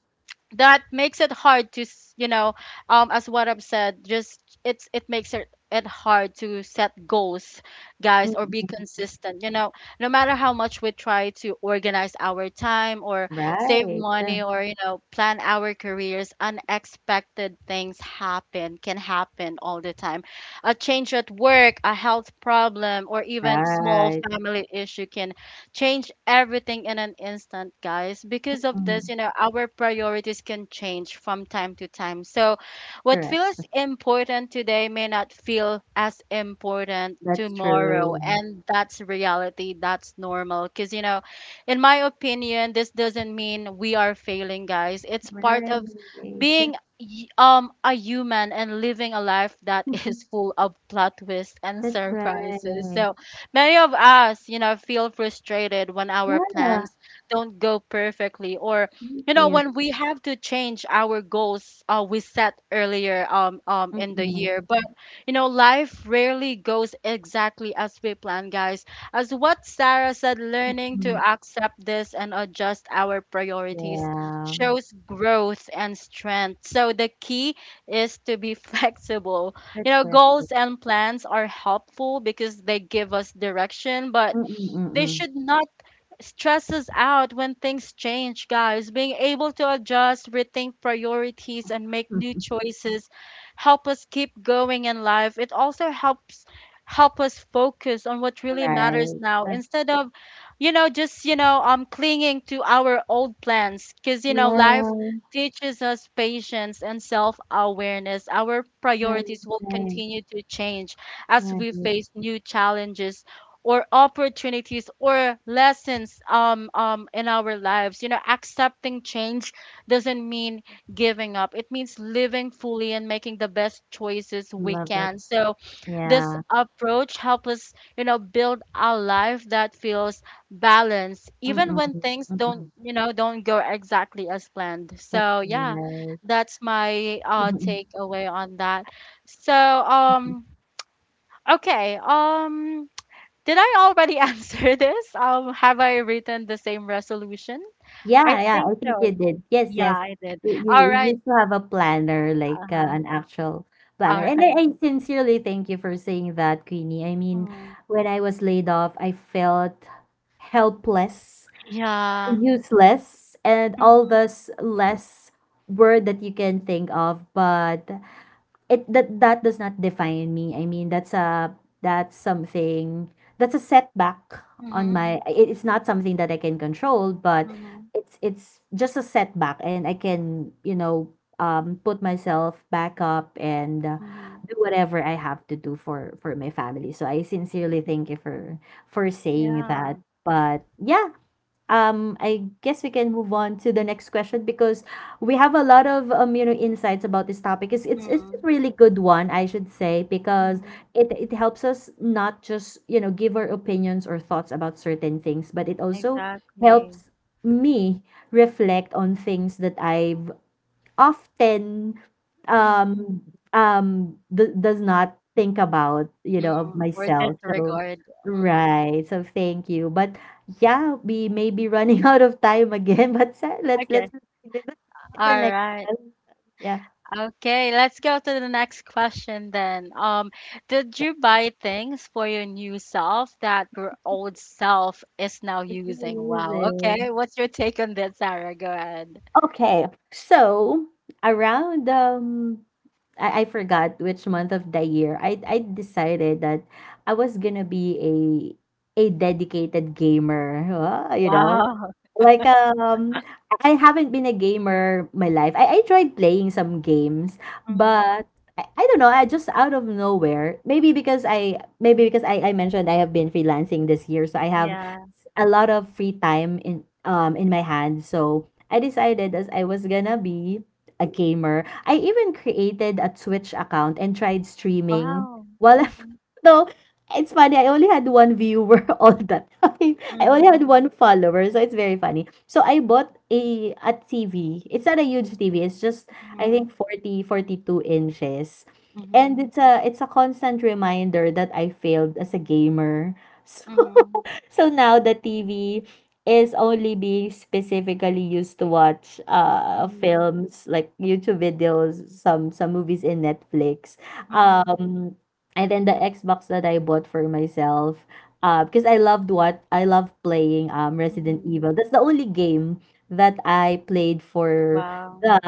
that makes it hard to s- you know, um as what I've said, just, it's, it makes it it hard to set goals, guys, or be consistent, you know. No matter how much we try to organize our time or save
Right.
money or, you know, plan our careers, unexpected things happen can happen all the time. A change at work, a health problem, or even small
Right.
family issue can change everything in an instant, guys. Because of this,
Mm,
you know, our priorities can change from time to time. So, what
Correct.
feels important today may not feel as important
That's
tomorrow.
true.
And that's reality. That's normal. Because, you know, in my opinion, this doesn't mean we are failing, guys. It's part
Right.
of being y- um a human and living a life that is full of plot twists and
That's
surprises.
right.
So many of us, you know, feel frustrated when our
Yeah.
plans don't go perfectly, or,
Thank
you know,
you.
when we have to change our goals uh, we set earlier um, um, in the
Mm-mm.
year. But you know, life rarely goes exactly as we plan, guys. As what Sarah said, learning to
Mm-mm.
accept this and adjust our priorities
Yeah.
shows growth and strength. So the key is to be flexible.
That's
You know,
right.
goals and plans are helpful because they give us direction, but
Mm,
they
mm.
should not stresses out when things change, guys. Being able to adjust, rethink priorities, and make
Mm.
new choices help us keep going in life. It also helps help us focus on what really matters
Right.
now instead of, you know, just, you know, um clinging to our old plans. Because, you know, life
Yeah.
teaches us patience and self-awareness, our
Right,
priorities will continue to change as
right,
we
right.
face new challenges or opportunities or lessons um, um, in our lives. You know, accepting change doesn't mean giving up, it means living fully and making the best choices we
Love it.
can. So, this
Yeah.
approach helps us, you know, build a life that feels balanced, even
Mm,
when things don't,
mm.
you know, don't go exactly as planned.
That's
So, yeah,
right.
that's my uh,
Mhm.
takeaway on that. So, um, okay, um, did I already answer this? Um, have I written the same resolution?
Yeah,
I
yeah,
think
I
so.
think you did. Yes,
Yeah,
yes.
I did.
You you
All
you
right.
used to have a planner, like, uh,
Uh-huh.
an actual planner.
All
And I
right.
I sincerely thank you for saying that, Queenie. I mean,
Mm.
when I was laid off, I felt helpless,
Yeah.
useless, and all
Mm-hmm.
those less word that you can think of, but it that that does not define me. I mean, that's a that's something, that's a setback on
Mm-hmm.
my it- it's not something that I can control, but
Mm-hmm.
it's it's just a setback, and I can, you know um put myself back up and, uh,
Mm-hmm.
do whatever I have to do for for my family. So I sincerely thank you for for saying
Yeah.
that. But yeah, um, I guess we can move on to the next question, because we have a lot of, um, you know insights about this topic. It's it's it's
Mm-hmm.
a really good one, I should say, because
Mm-hmm.
it it helps us, not just, you know give our opinions or thoughts about certain things, but it also
Exactly.
helps me reflect on things that I've often,
Mm-hmm.
um um d- does not think about, you know of
Mm-hmm. Or
myself. So
disregard. Mm-hmm.
right, so thank you. But yeah, we may be running out of time again, but sa- let's let's
Okay.
continue the the
All
next
right.
one. Yeah.
Okay, let's go to the next question then. Um, did you buy things for your new self that your old self is now
Let's do
using? Wow.
music.
Okay, what's your take on that, Sarah? Go ahead.
Okay, so around, um I, I forgot which month of the year I I decided that I was gonna be a a dedicated gamer. Wow, you know,
Wow.
like, um, I haven't been a gamer my life. I I tried playing some games,
Hmm.
but I, I don't know, I just out of nowhere. Maybe because I maybe because I, I mentioned I have been freelancing this year, so I have
Yeah.
a lot of free time in um in my hands. So I decided as I was gonna be a gamer. I even created a Twitch account and tried streaming
Wow.
while I'm
Hmm.
no, it's funny. I only had one viewer all the time. I only had
Hmm.
one follower, so it's very funny. So I bought a a T V. It's not a huge T V. It's just, I
Hmm.
think, forty, forty-two inches.
Hmm.
And it's a it's a constant reminder that I failed as a gamer.
Hmm.
So now the T V is only being specifically used to watch, uh
Hmm.
films like YouTube videos, some some movies in Netflix.
Hmm.
Um and then the Xbox that I bought for myself uh because I loved what I love playing um Resident
Hmm.
Evil. That's the only game that I played for
Wow.
the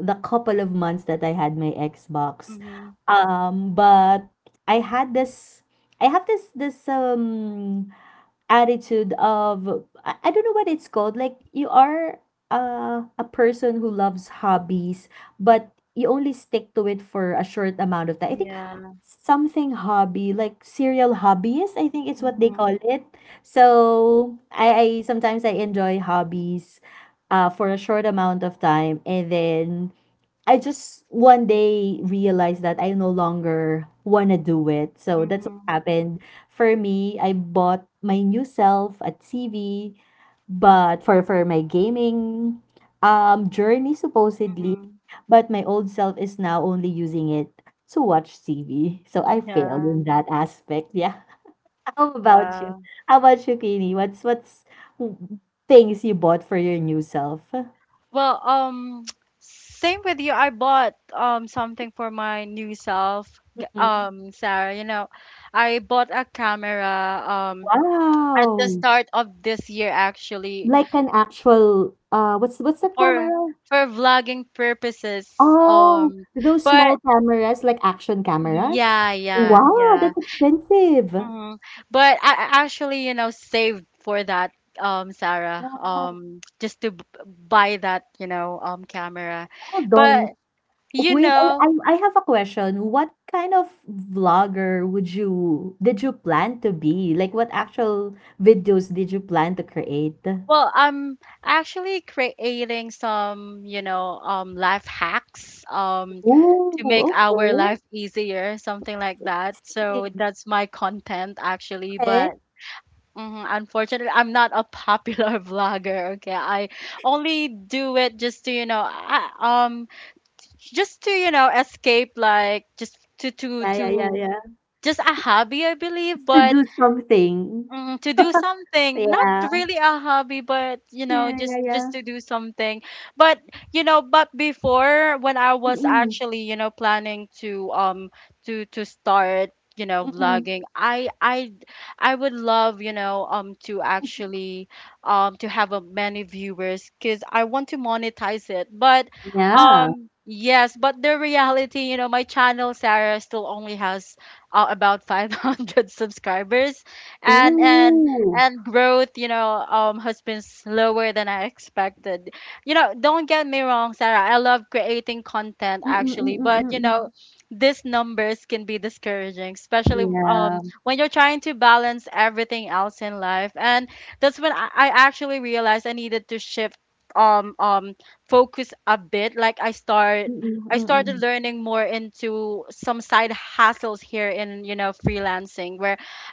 the couple of months that I had my Xbox.
Hmm.
Um but I had this I have this this um attitude of I, I don't know what it's called. Like you are uh, a person who loves hobbies, but you only stick to it for a short amount of time. I think
Yeah.
something hobby, like serial hobbyist, I think it's what they
Hmm.
call it. So I, I sometimes I enjoy hobbies uh, for a short amount of time and then I just one day realized that I no longer want to do it. So that's what
Hmm.
happened. For me, I bought my new self a T V, but for for my gaming um journey supposedly,
Hmm.
but my old self is now only using it to watch T V. So I failed
Yeah.
in that aspect. Yeah. How about you?
Wow.
How about you, Kini? What's what's w- Things you bought for your new self?
Well, um, same with you. I bought um something for my new self, g-
Mhm.
um, Sarah. You know, I bought a camera um at the
Wow.
start of this year, actually,
Like an actual, uh, what's what's that
for
camera?
for vlogging purposes.
Oh,
Um,
those small
but
cameras, like action cameras?
yeah, yeah,
Wow,
yeah.
that's expensive.
hmm. But I I actually, you know, saved for that. Um, Sarah,
Wow.
um, just to b- buy that, you know, um, camera,
Hold
but
on.
you
Wait, I,
know,
I I have a question. What kind of vlogger would you did you plan to be? Like, what actual videos did you plan to create?
well, I'm actually creating some, you know, um, life hacks, um, to
Ooh,
make our
okay.
life easier, something like that. So that's my content actually,
Okay.
but mhm, unfortunately, I'm not a popular vlogger. Okay, I only do it just to, you know, I, um, just to, you know, escape, like just to to
Yeah, yeah, yeah,
to
yeah.
just a hobby, I believe.
To
But
do something.
mm, to do something, not
Yeah.
really a hobby, but you know,
Yeah,
just
yeah,
just
yeah.
to do something. But you know, but before when I was
Mm-mm.
actually, you know, planning to um to to start, you know,
Mm-mm.
vlogging, I I I would love, you know, um to actually um to have a many viewers because I want to monetize it. But
Yeah.
um yes, but the reality, you know, my channel Sarah still only has uh, about five hundred subscribers, and and
Ooh.
and growth, you know, um has been slower than I expected. You know, don't get me wrong, Sarah, I love creating content
Mm, mm,
actually, but you
mm, mm.
know, these numbers can be discouraging, especially um
Yeah.
when you're trying to balance everything else in life. And that's when i, I actually realized I needed to shift um um focus a bit. Like i start
Mm,
I started
mm.
learning more into some side hustles here in, you know, freelancing.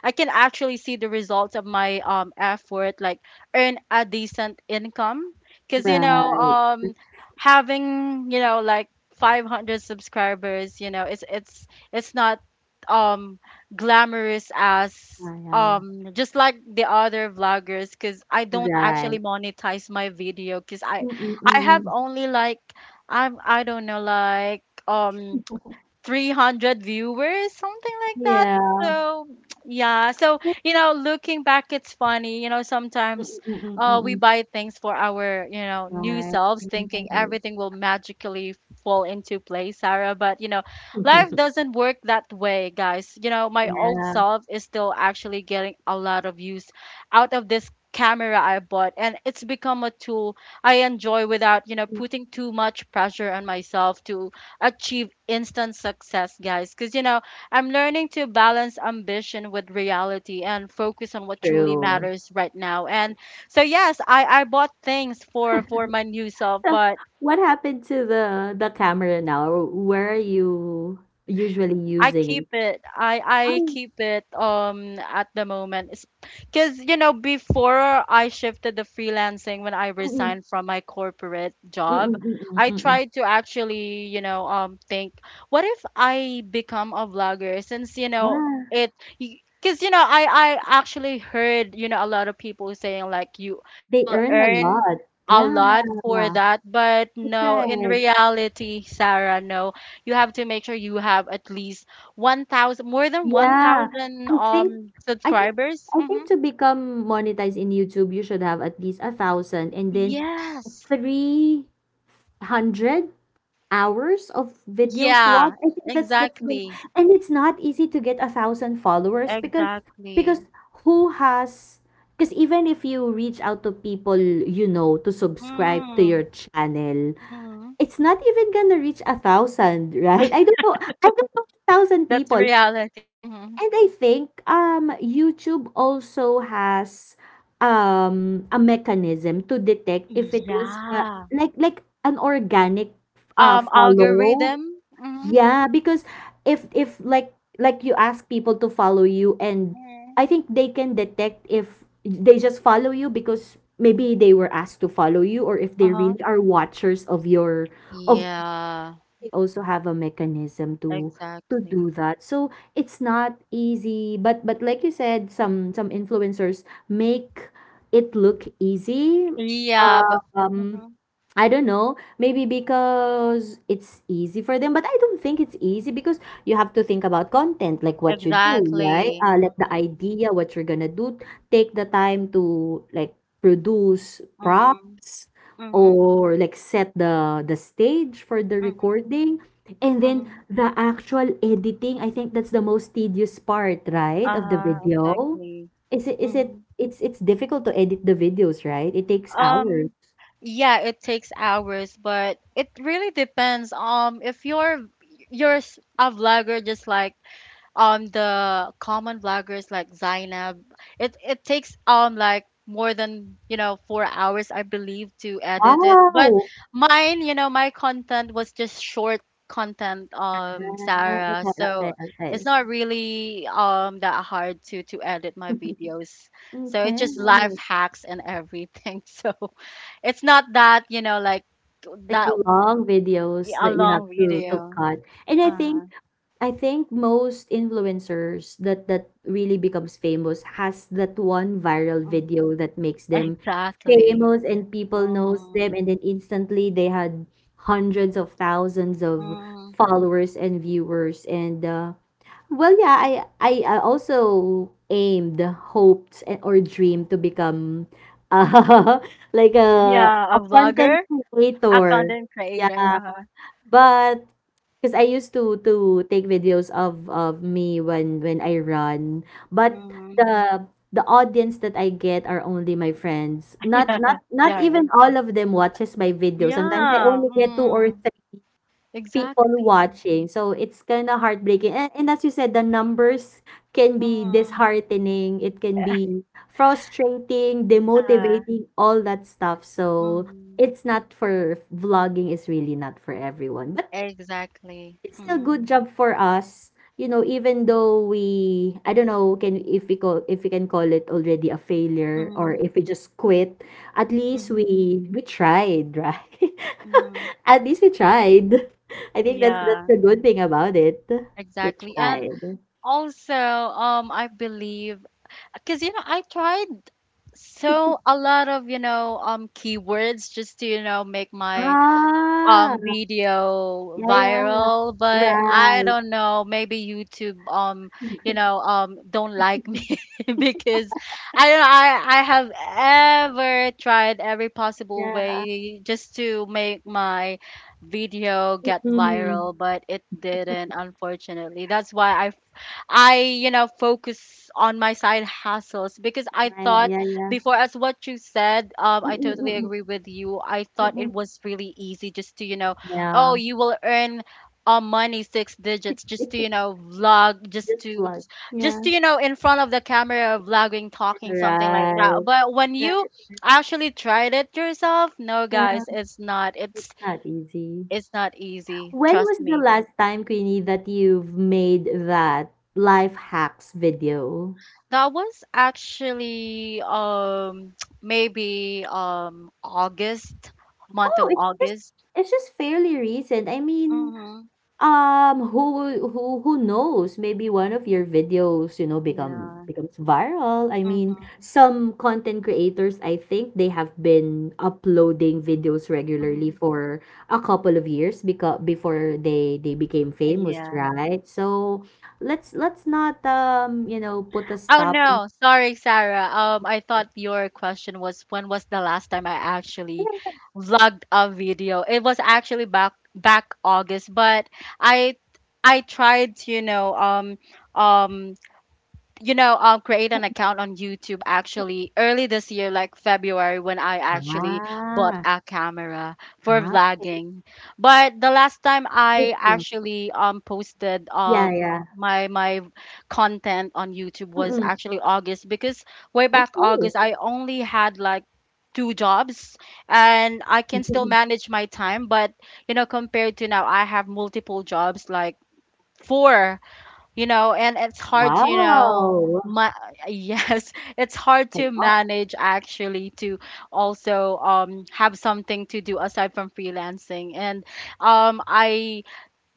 I can actually see the results of my um effort, like earn a decent income. Cause you know,
Right.
um, Having you know like five hundred subscribers, you know, it's it's it's not um glamorous as
Yeah, yeah, yeah.
um just like the other vloggers, because i don't
Right.
actually monetize my video because i
Mm,
i have
mm.
only like i'm i don't know like um three hundred viewers, something like that.
Yeah.
So, yeah. So, you know, looking back, it's funny. You know, sometimes
Mm,
uh, we
mm.
buy things for our, you know, new
Right.
selves, thinking everything will magically fall into place, Sarah. But, you know, life doesn't work that way, guys. You know, my old
Yeah,
self is still actually getting a lot of use out of this camera I bought, and it's become a tool I enjoy without, you know, putting too much pressure on myself to achieve instant success, guys. Because, you know, I'm learning to balance ambition with reality and focus on what truly
true.
matters right now. And so, yes, I, I bought things for, for my new self,
So,
but
what happened to the the camera now? Where are you usually
I
using
keep
it?
it. I I
Oh,
keep it um at the moment. Because you know, before I shifted the freelancing when I
mm,
resigned from my corporate
mm,
job,
mm, mm,
I
mm, mm.
tried to actually, you know, um think, what if I become a vlogger? Since, you know,
Yeah,
it because you know, I I actually heard, you know, a lot of people saying like you you
they
will
earn a
earn
lot.
a
Yeah.
lot for that, but no, in
Right.
reality, Sarah, no, you have to make sure you have at least one thousand more than
Yeah.
one thousand
I think
um
I think
subscribers.
I think
Mm-hmm.
to become monetized in YouTube you should have at least a thousand and then
Yes.
three hundred hours of videos
Yeah,
watched. I think that's that's the,
exactly.
and it's not easy to get a thousand followers because because
Exactly.
who has because even if you reach out to people you know to subscribe to
Mm,
your channel,
mm.
it's not even gonna reach a thousand, right? I don't know. I don't know a thousand
That's
people.
reality. hmm
And I think um YouTube also has um a mechanism to detect if it was uh,
Yeah.
like like an organic uh
Um,
follow.
algorithm. hmm
Yeah, because if if like like you ask people to follow you and I
mm
think they can detect if they just follow you because maybe they were asked to follow you or if they
Uh-huh.
really are watchers of your of.
Yeah,
They also have a mechanism to to do
exactly.
that. So it's not easy, but but like you said, some some influencers make it look easy.
Yeah, but
Um,
hmm
I don't know, maybe because it's easy for them, but I don't think it's easy because you have to think about content, like what you do, right?
exactly.
Uh, like the
Mm-hmm.
idea, what you're gonna do, take the time to like produce
Mm-hmm.
props or like set the the stage for the
Mm-hmm.
recording. And then
Mm-hmm.
the actual editing, I think that's the most tedious part, right, of the
Uh-huh,
video.
exactly.
Is it is it
Mm-hmm.
it's it's difficult to edit the videos, right? It takes hours.
Um, yeah, it takes hours, but it really depends. Um, if you're you're s- a vlogger just like um the common vloggers like Zainab, it it takes um like more than you know four hours, I believe, to edit it. But
Wow.
mine, you know, my content was just short content, um,
Ah,
Sarah.
okay, okay,
So it's
okay.
not really um that hard to to edit my videos. So it's
Okay,
just life
alright.
hacks and everything. So it's not that you know like
Like
that
long videos
a
that you have
long
to to
video.
cut. And I
Uh
think
huh.
I think most influencers that that really becomes famous has that one viral video that makes them
Exactly.
famous and people knows them
Mm,
and then instantly they had hundreds of thousands of
mm.
followers and viewers and uh, Well, yeah, I I uh, also aimed, hoped, and or dreamed to become uh, like a,
Yeah, a
a content
vlogger, a
creator.
content
Yeah,
creator. Uh-huh.
but because I used to to take videos of of me when when I run, but
Mm.
the the audience that I get are only my friends. Not
Yeah,
not not
yeah, right.
even all of them watches my video. Sometimes I
Yeah,
only get two or
mm.
People
Exactly.
watching, so it's kind of heartbreaking, and and as you said, the numbers can be
Mm.
disheartening, it can be frustrating,
Uh,
demotivating, all that stuff, so
mm.
it's not for vlogging is really not for everyone, but
Exactly.
it's still
Mm.
good job for us, you know, even though we, I don't know, can if we call if we can call it already a failure or if
Mm.
we just quit. At least
Mm-hmm.
we we tried, right?
Mm-hmm.
At least we tried. I think that's that's
Yeah,
the good thing about it. We
exactly. And
tried.
also, um, I believe, because you know, I tried so a lot of you know um keywords just to you know make my um
Ah,
video
yeah, yeah,
viral, but I
right.
don't know, maybe YouTube um you know um don't like me. Because I don't know, i i have ever tried every possible
Yeah.
way just to make my video get
Mm.
viral, but it didn't, unfortunately. That's why i I, you know, focus on my side hustles because I
Yeah,
thought
yeah, yeah.
before, as what you said, um, I totally
Mm-mm-mm.
agree with you. I thought it
Mm-mm.
was really easy just to, you know, oh,
Yeah.
you will earn uh, money, six digits, just to, you know, vlog, just
Just
to,
plug.
just
Yeah.
to, you know, in front of the camera, vlogging, talking, something like that.
Right.
But when you
Right.
actually tried it yourself, no,
Yeah,
guys, it's not.
it's
It's
not easy.
it's not easy.
When
Trust
was the
me.
last time, Queenie, that you've made that life hacks video?
That was actually um maybe um August, month
Oh,
of
it's just
August.
it's just fairly recent. I mean,
Mhm.
Um, who who who knows? Maybe one of your videos, you know, become
Yeah.
becomes viral. I mean,
Mhm.
some content creators, I think they have been uploading videos regularly
Mhm.
for a couple of years because before they they became famous,
Yeah.
right? So let's let's not um, you know, put a
Oh
stop on
no, sorry, Sarah. Um, I
it.
thought your question was, when was the last time I actually vlogged a video? It was actually back back August, but I I tried to, you know, um um you know, um, create an account on YouTube actually early this year, like February, when I actually bought
Ah,
a camera for
ah,
vlogging. But the last time
good
I
to-
actually um posted
yeah,
um
yeah.
my my content on YouTube was
Mm-mm.
actually August, because way back
Okay.
August I only had like two jobs and I can still manage my time, but you know, compared to now, I have multiple jobs, like four, you know, and it's hard to, you know,
Wow.
ma- yes, it's hard to manage actually to also um have something to do aside from freelancing. And um I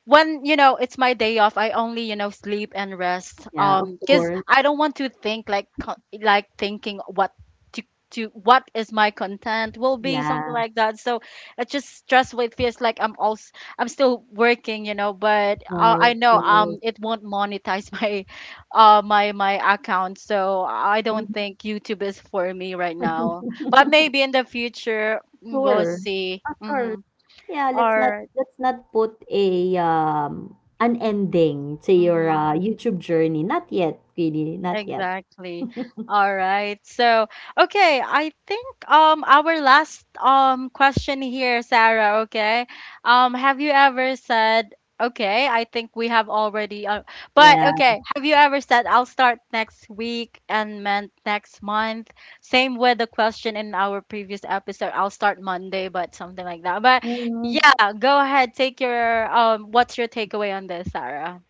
when you know it's my day off, i only you know sleep and rest,
Yeah, of
um because
course.
I don't want to think like co- like thinking what to to what is my content will be, something
Yeah.
like that. So it's just stressful. It feels like I'm also I'm still working, you know. But uh, I
Right.
know
Right.
um it won't monetize my uh my my account, so I don't think YouTube is for me right now, but maybe in the future, mm, we'll
Sure.
see.
Of course.
Mm-hmm.
Yeah, let's
All
not
right.
let's not put a um an ending to your
Mm-hmm.
uh, YouTube journey. Not yet, really. Not yet.
Exactly. All right. So, okay, I think um our last um question here, Sarah, okay? Um have you ever said, okay, I think we have already uh, but
Yeah.
okay, have you ever said I'll start next week and meant next month? Same with the question in our previous episode, I'll start Monday, but something like that. But
Mm.
yeah, go ahead, take your um what's your takeaway on this, Sarah?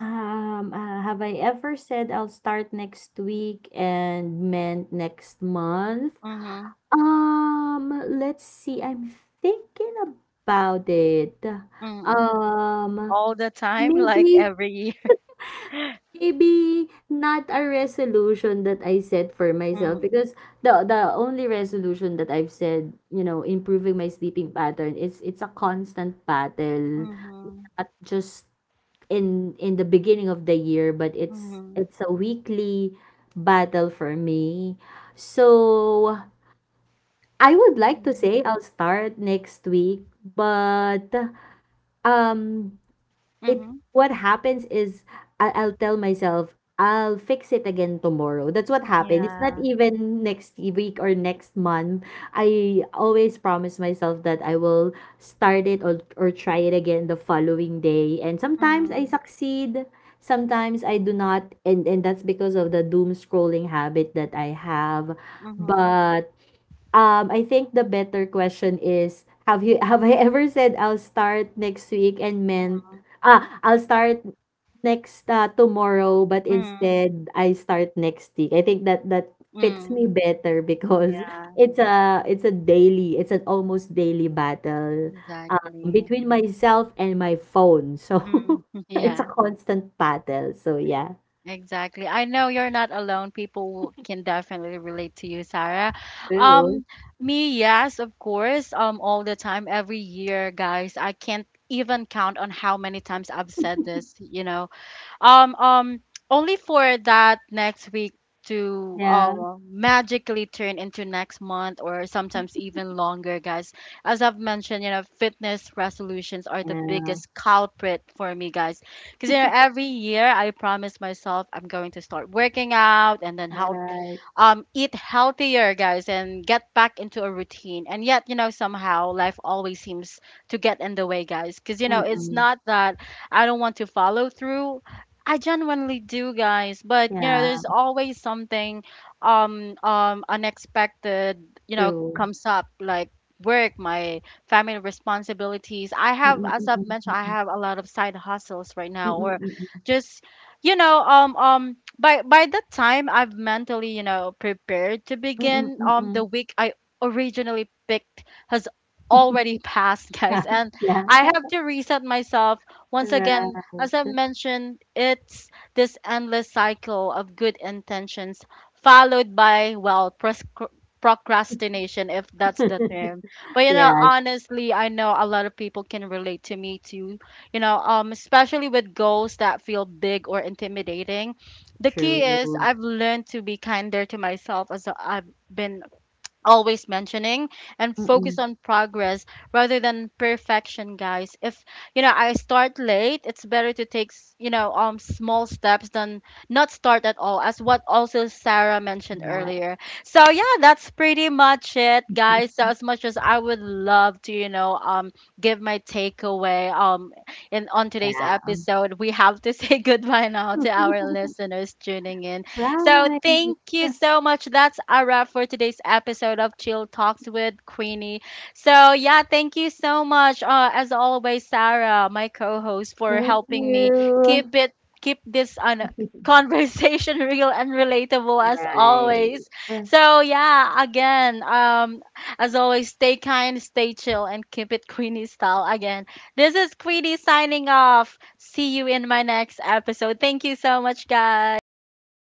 Um, uh, have I ever said I'll start next week and meant next month?
Mhm.
Um, let's see. I'm thinking about it.
Mm,
Um,
all the time, like
Maybe
every year.
maybe not a resolution that I set for myself
Mm-hmm.
because the the only resolution that I've said, you know, improving my sleeping pattern, it's it's a constant battle
Mm-hmm.
at just in in the beginning of the year, but it's
Mm-hmm.
it's a weekly battle for me. So I would like to
Mm-hmm.
say I'll start next week, but um it
Mm-hmm.
what happens is I, I'll tell myself I'll fix it again tomorrow. That's what happened. It's not
Yeah.
even next week or next month. I always promise myself that I will start it or, or try it again the following day. And sometimes I
Mm-hmm.
succeed, sometimes I do not. And, and that's because of the doom scrolling habit that I have.
Mm-hmm.
But um, I think the better question is have you have I ever said I'll start next week and meant ah I'll start next uh, tomorrow but
Mm-hmm.
instead I start next week. I think that that fits
Mm-hmm.
me better because
Yeah,
it's a it's a daily it's an almost daily battle um,
exactly.
between myself and my phone. So
Mm.
it's a
Yeah,
constant battle. So yeah.
exactly. I know you're not alone. People can definitely relate to you, Sarah.
True.
Um, me, yes, of course. Um, all the time, every year, guys. I can't even count on how many times I've said this, you know. Um, um, only for that next week to
Yeah.
um magically turn into next month, or sometimes even longer, guys. As I've mentioned, you know, fitness resolutions are the
Yeah.
biggest culprit for me, guys. Because you know, every year I promise myself I'm going to start working out and then help
Right.
um, eat healthier, guys, and get back into a routine. And yet, you know, somehow life always seems to get in the way, guys. Because, you know, it's
Mm-mm.
not that I don't want to follow through. I genuinely do, guys. But you know,
Yeah.
there's always something um um unexpected, you know,
True.
comes up, like work, my family responsibilities. I have,
Mm,
as I've
mm,
mentioned, I
mm,
have a lot of side hustles right
mm,
now, or
mm.
just, you know, um um by by the time I've mentally, you know, prepared to
Mm, mm,
begin
mm,
um the
mm.
week I originally picked has already passed, guys, and
Yes,
I have
yeah.
to reset myself once again. As I've
Right.
mentioned, it's this endless cycle of good intentions followed by, well, pros- procrastination, if that's the term. But, you know,
Yeah,
honestly, I know a lot of people can relate to me too, you know, um, especially with goals that feel big or intimidating. The key is,
true.
I've learned to be kinder to myself, as I've been always mentioning, and focus
Mm,
on progress rather than perfection, guys. If you know I start late, it's better to take s- you know um small steps than not start at all, as what also Sarah mentioned
right.
earlier. So yeah, that's pretty much it, guys. So as much as I would love to, you know um give my takeaway um in on today's
Yeah. um,
episode, we have to say goodbye now to our listeners tuning in. So
Right.
thank you so much. That's a wrap for today's episode of Chill Talks with Queenie. So yeah, thank you so much. Uh, as always, Sarah, my co-host, for
Thank
helping me keep
you.
it keep this on conversation real and relatable as
Right.
always. So yeah, again, um, as always, stay kind, stay chill, and keep it Queenie style. Again, this is Queenie signing off. See you in my next episode. Thank you so much, guys.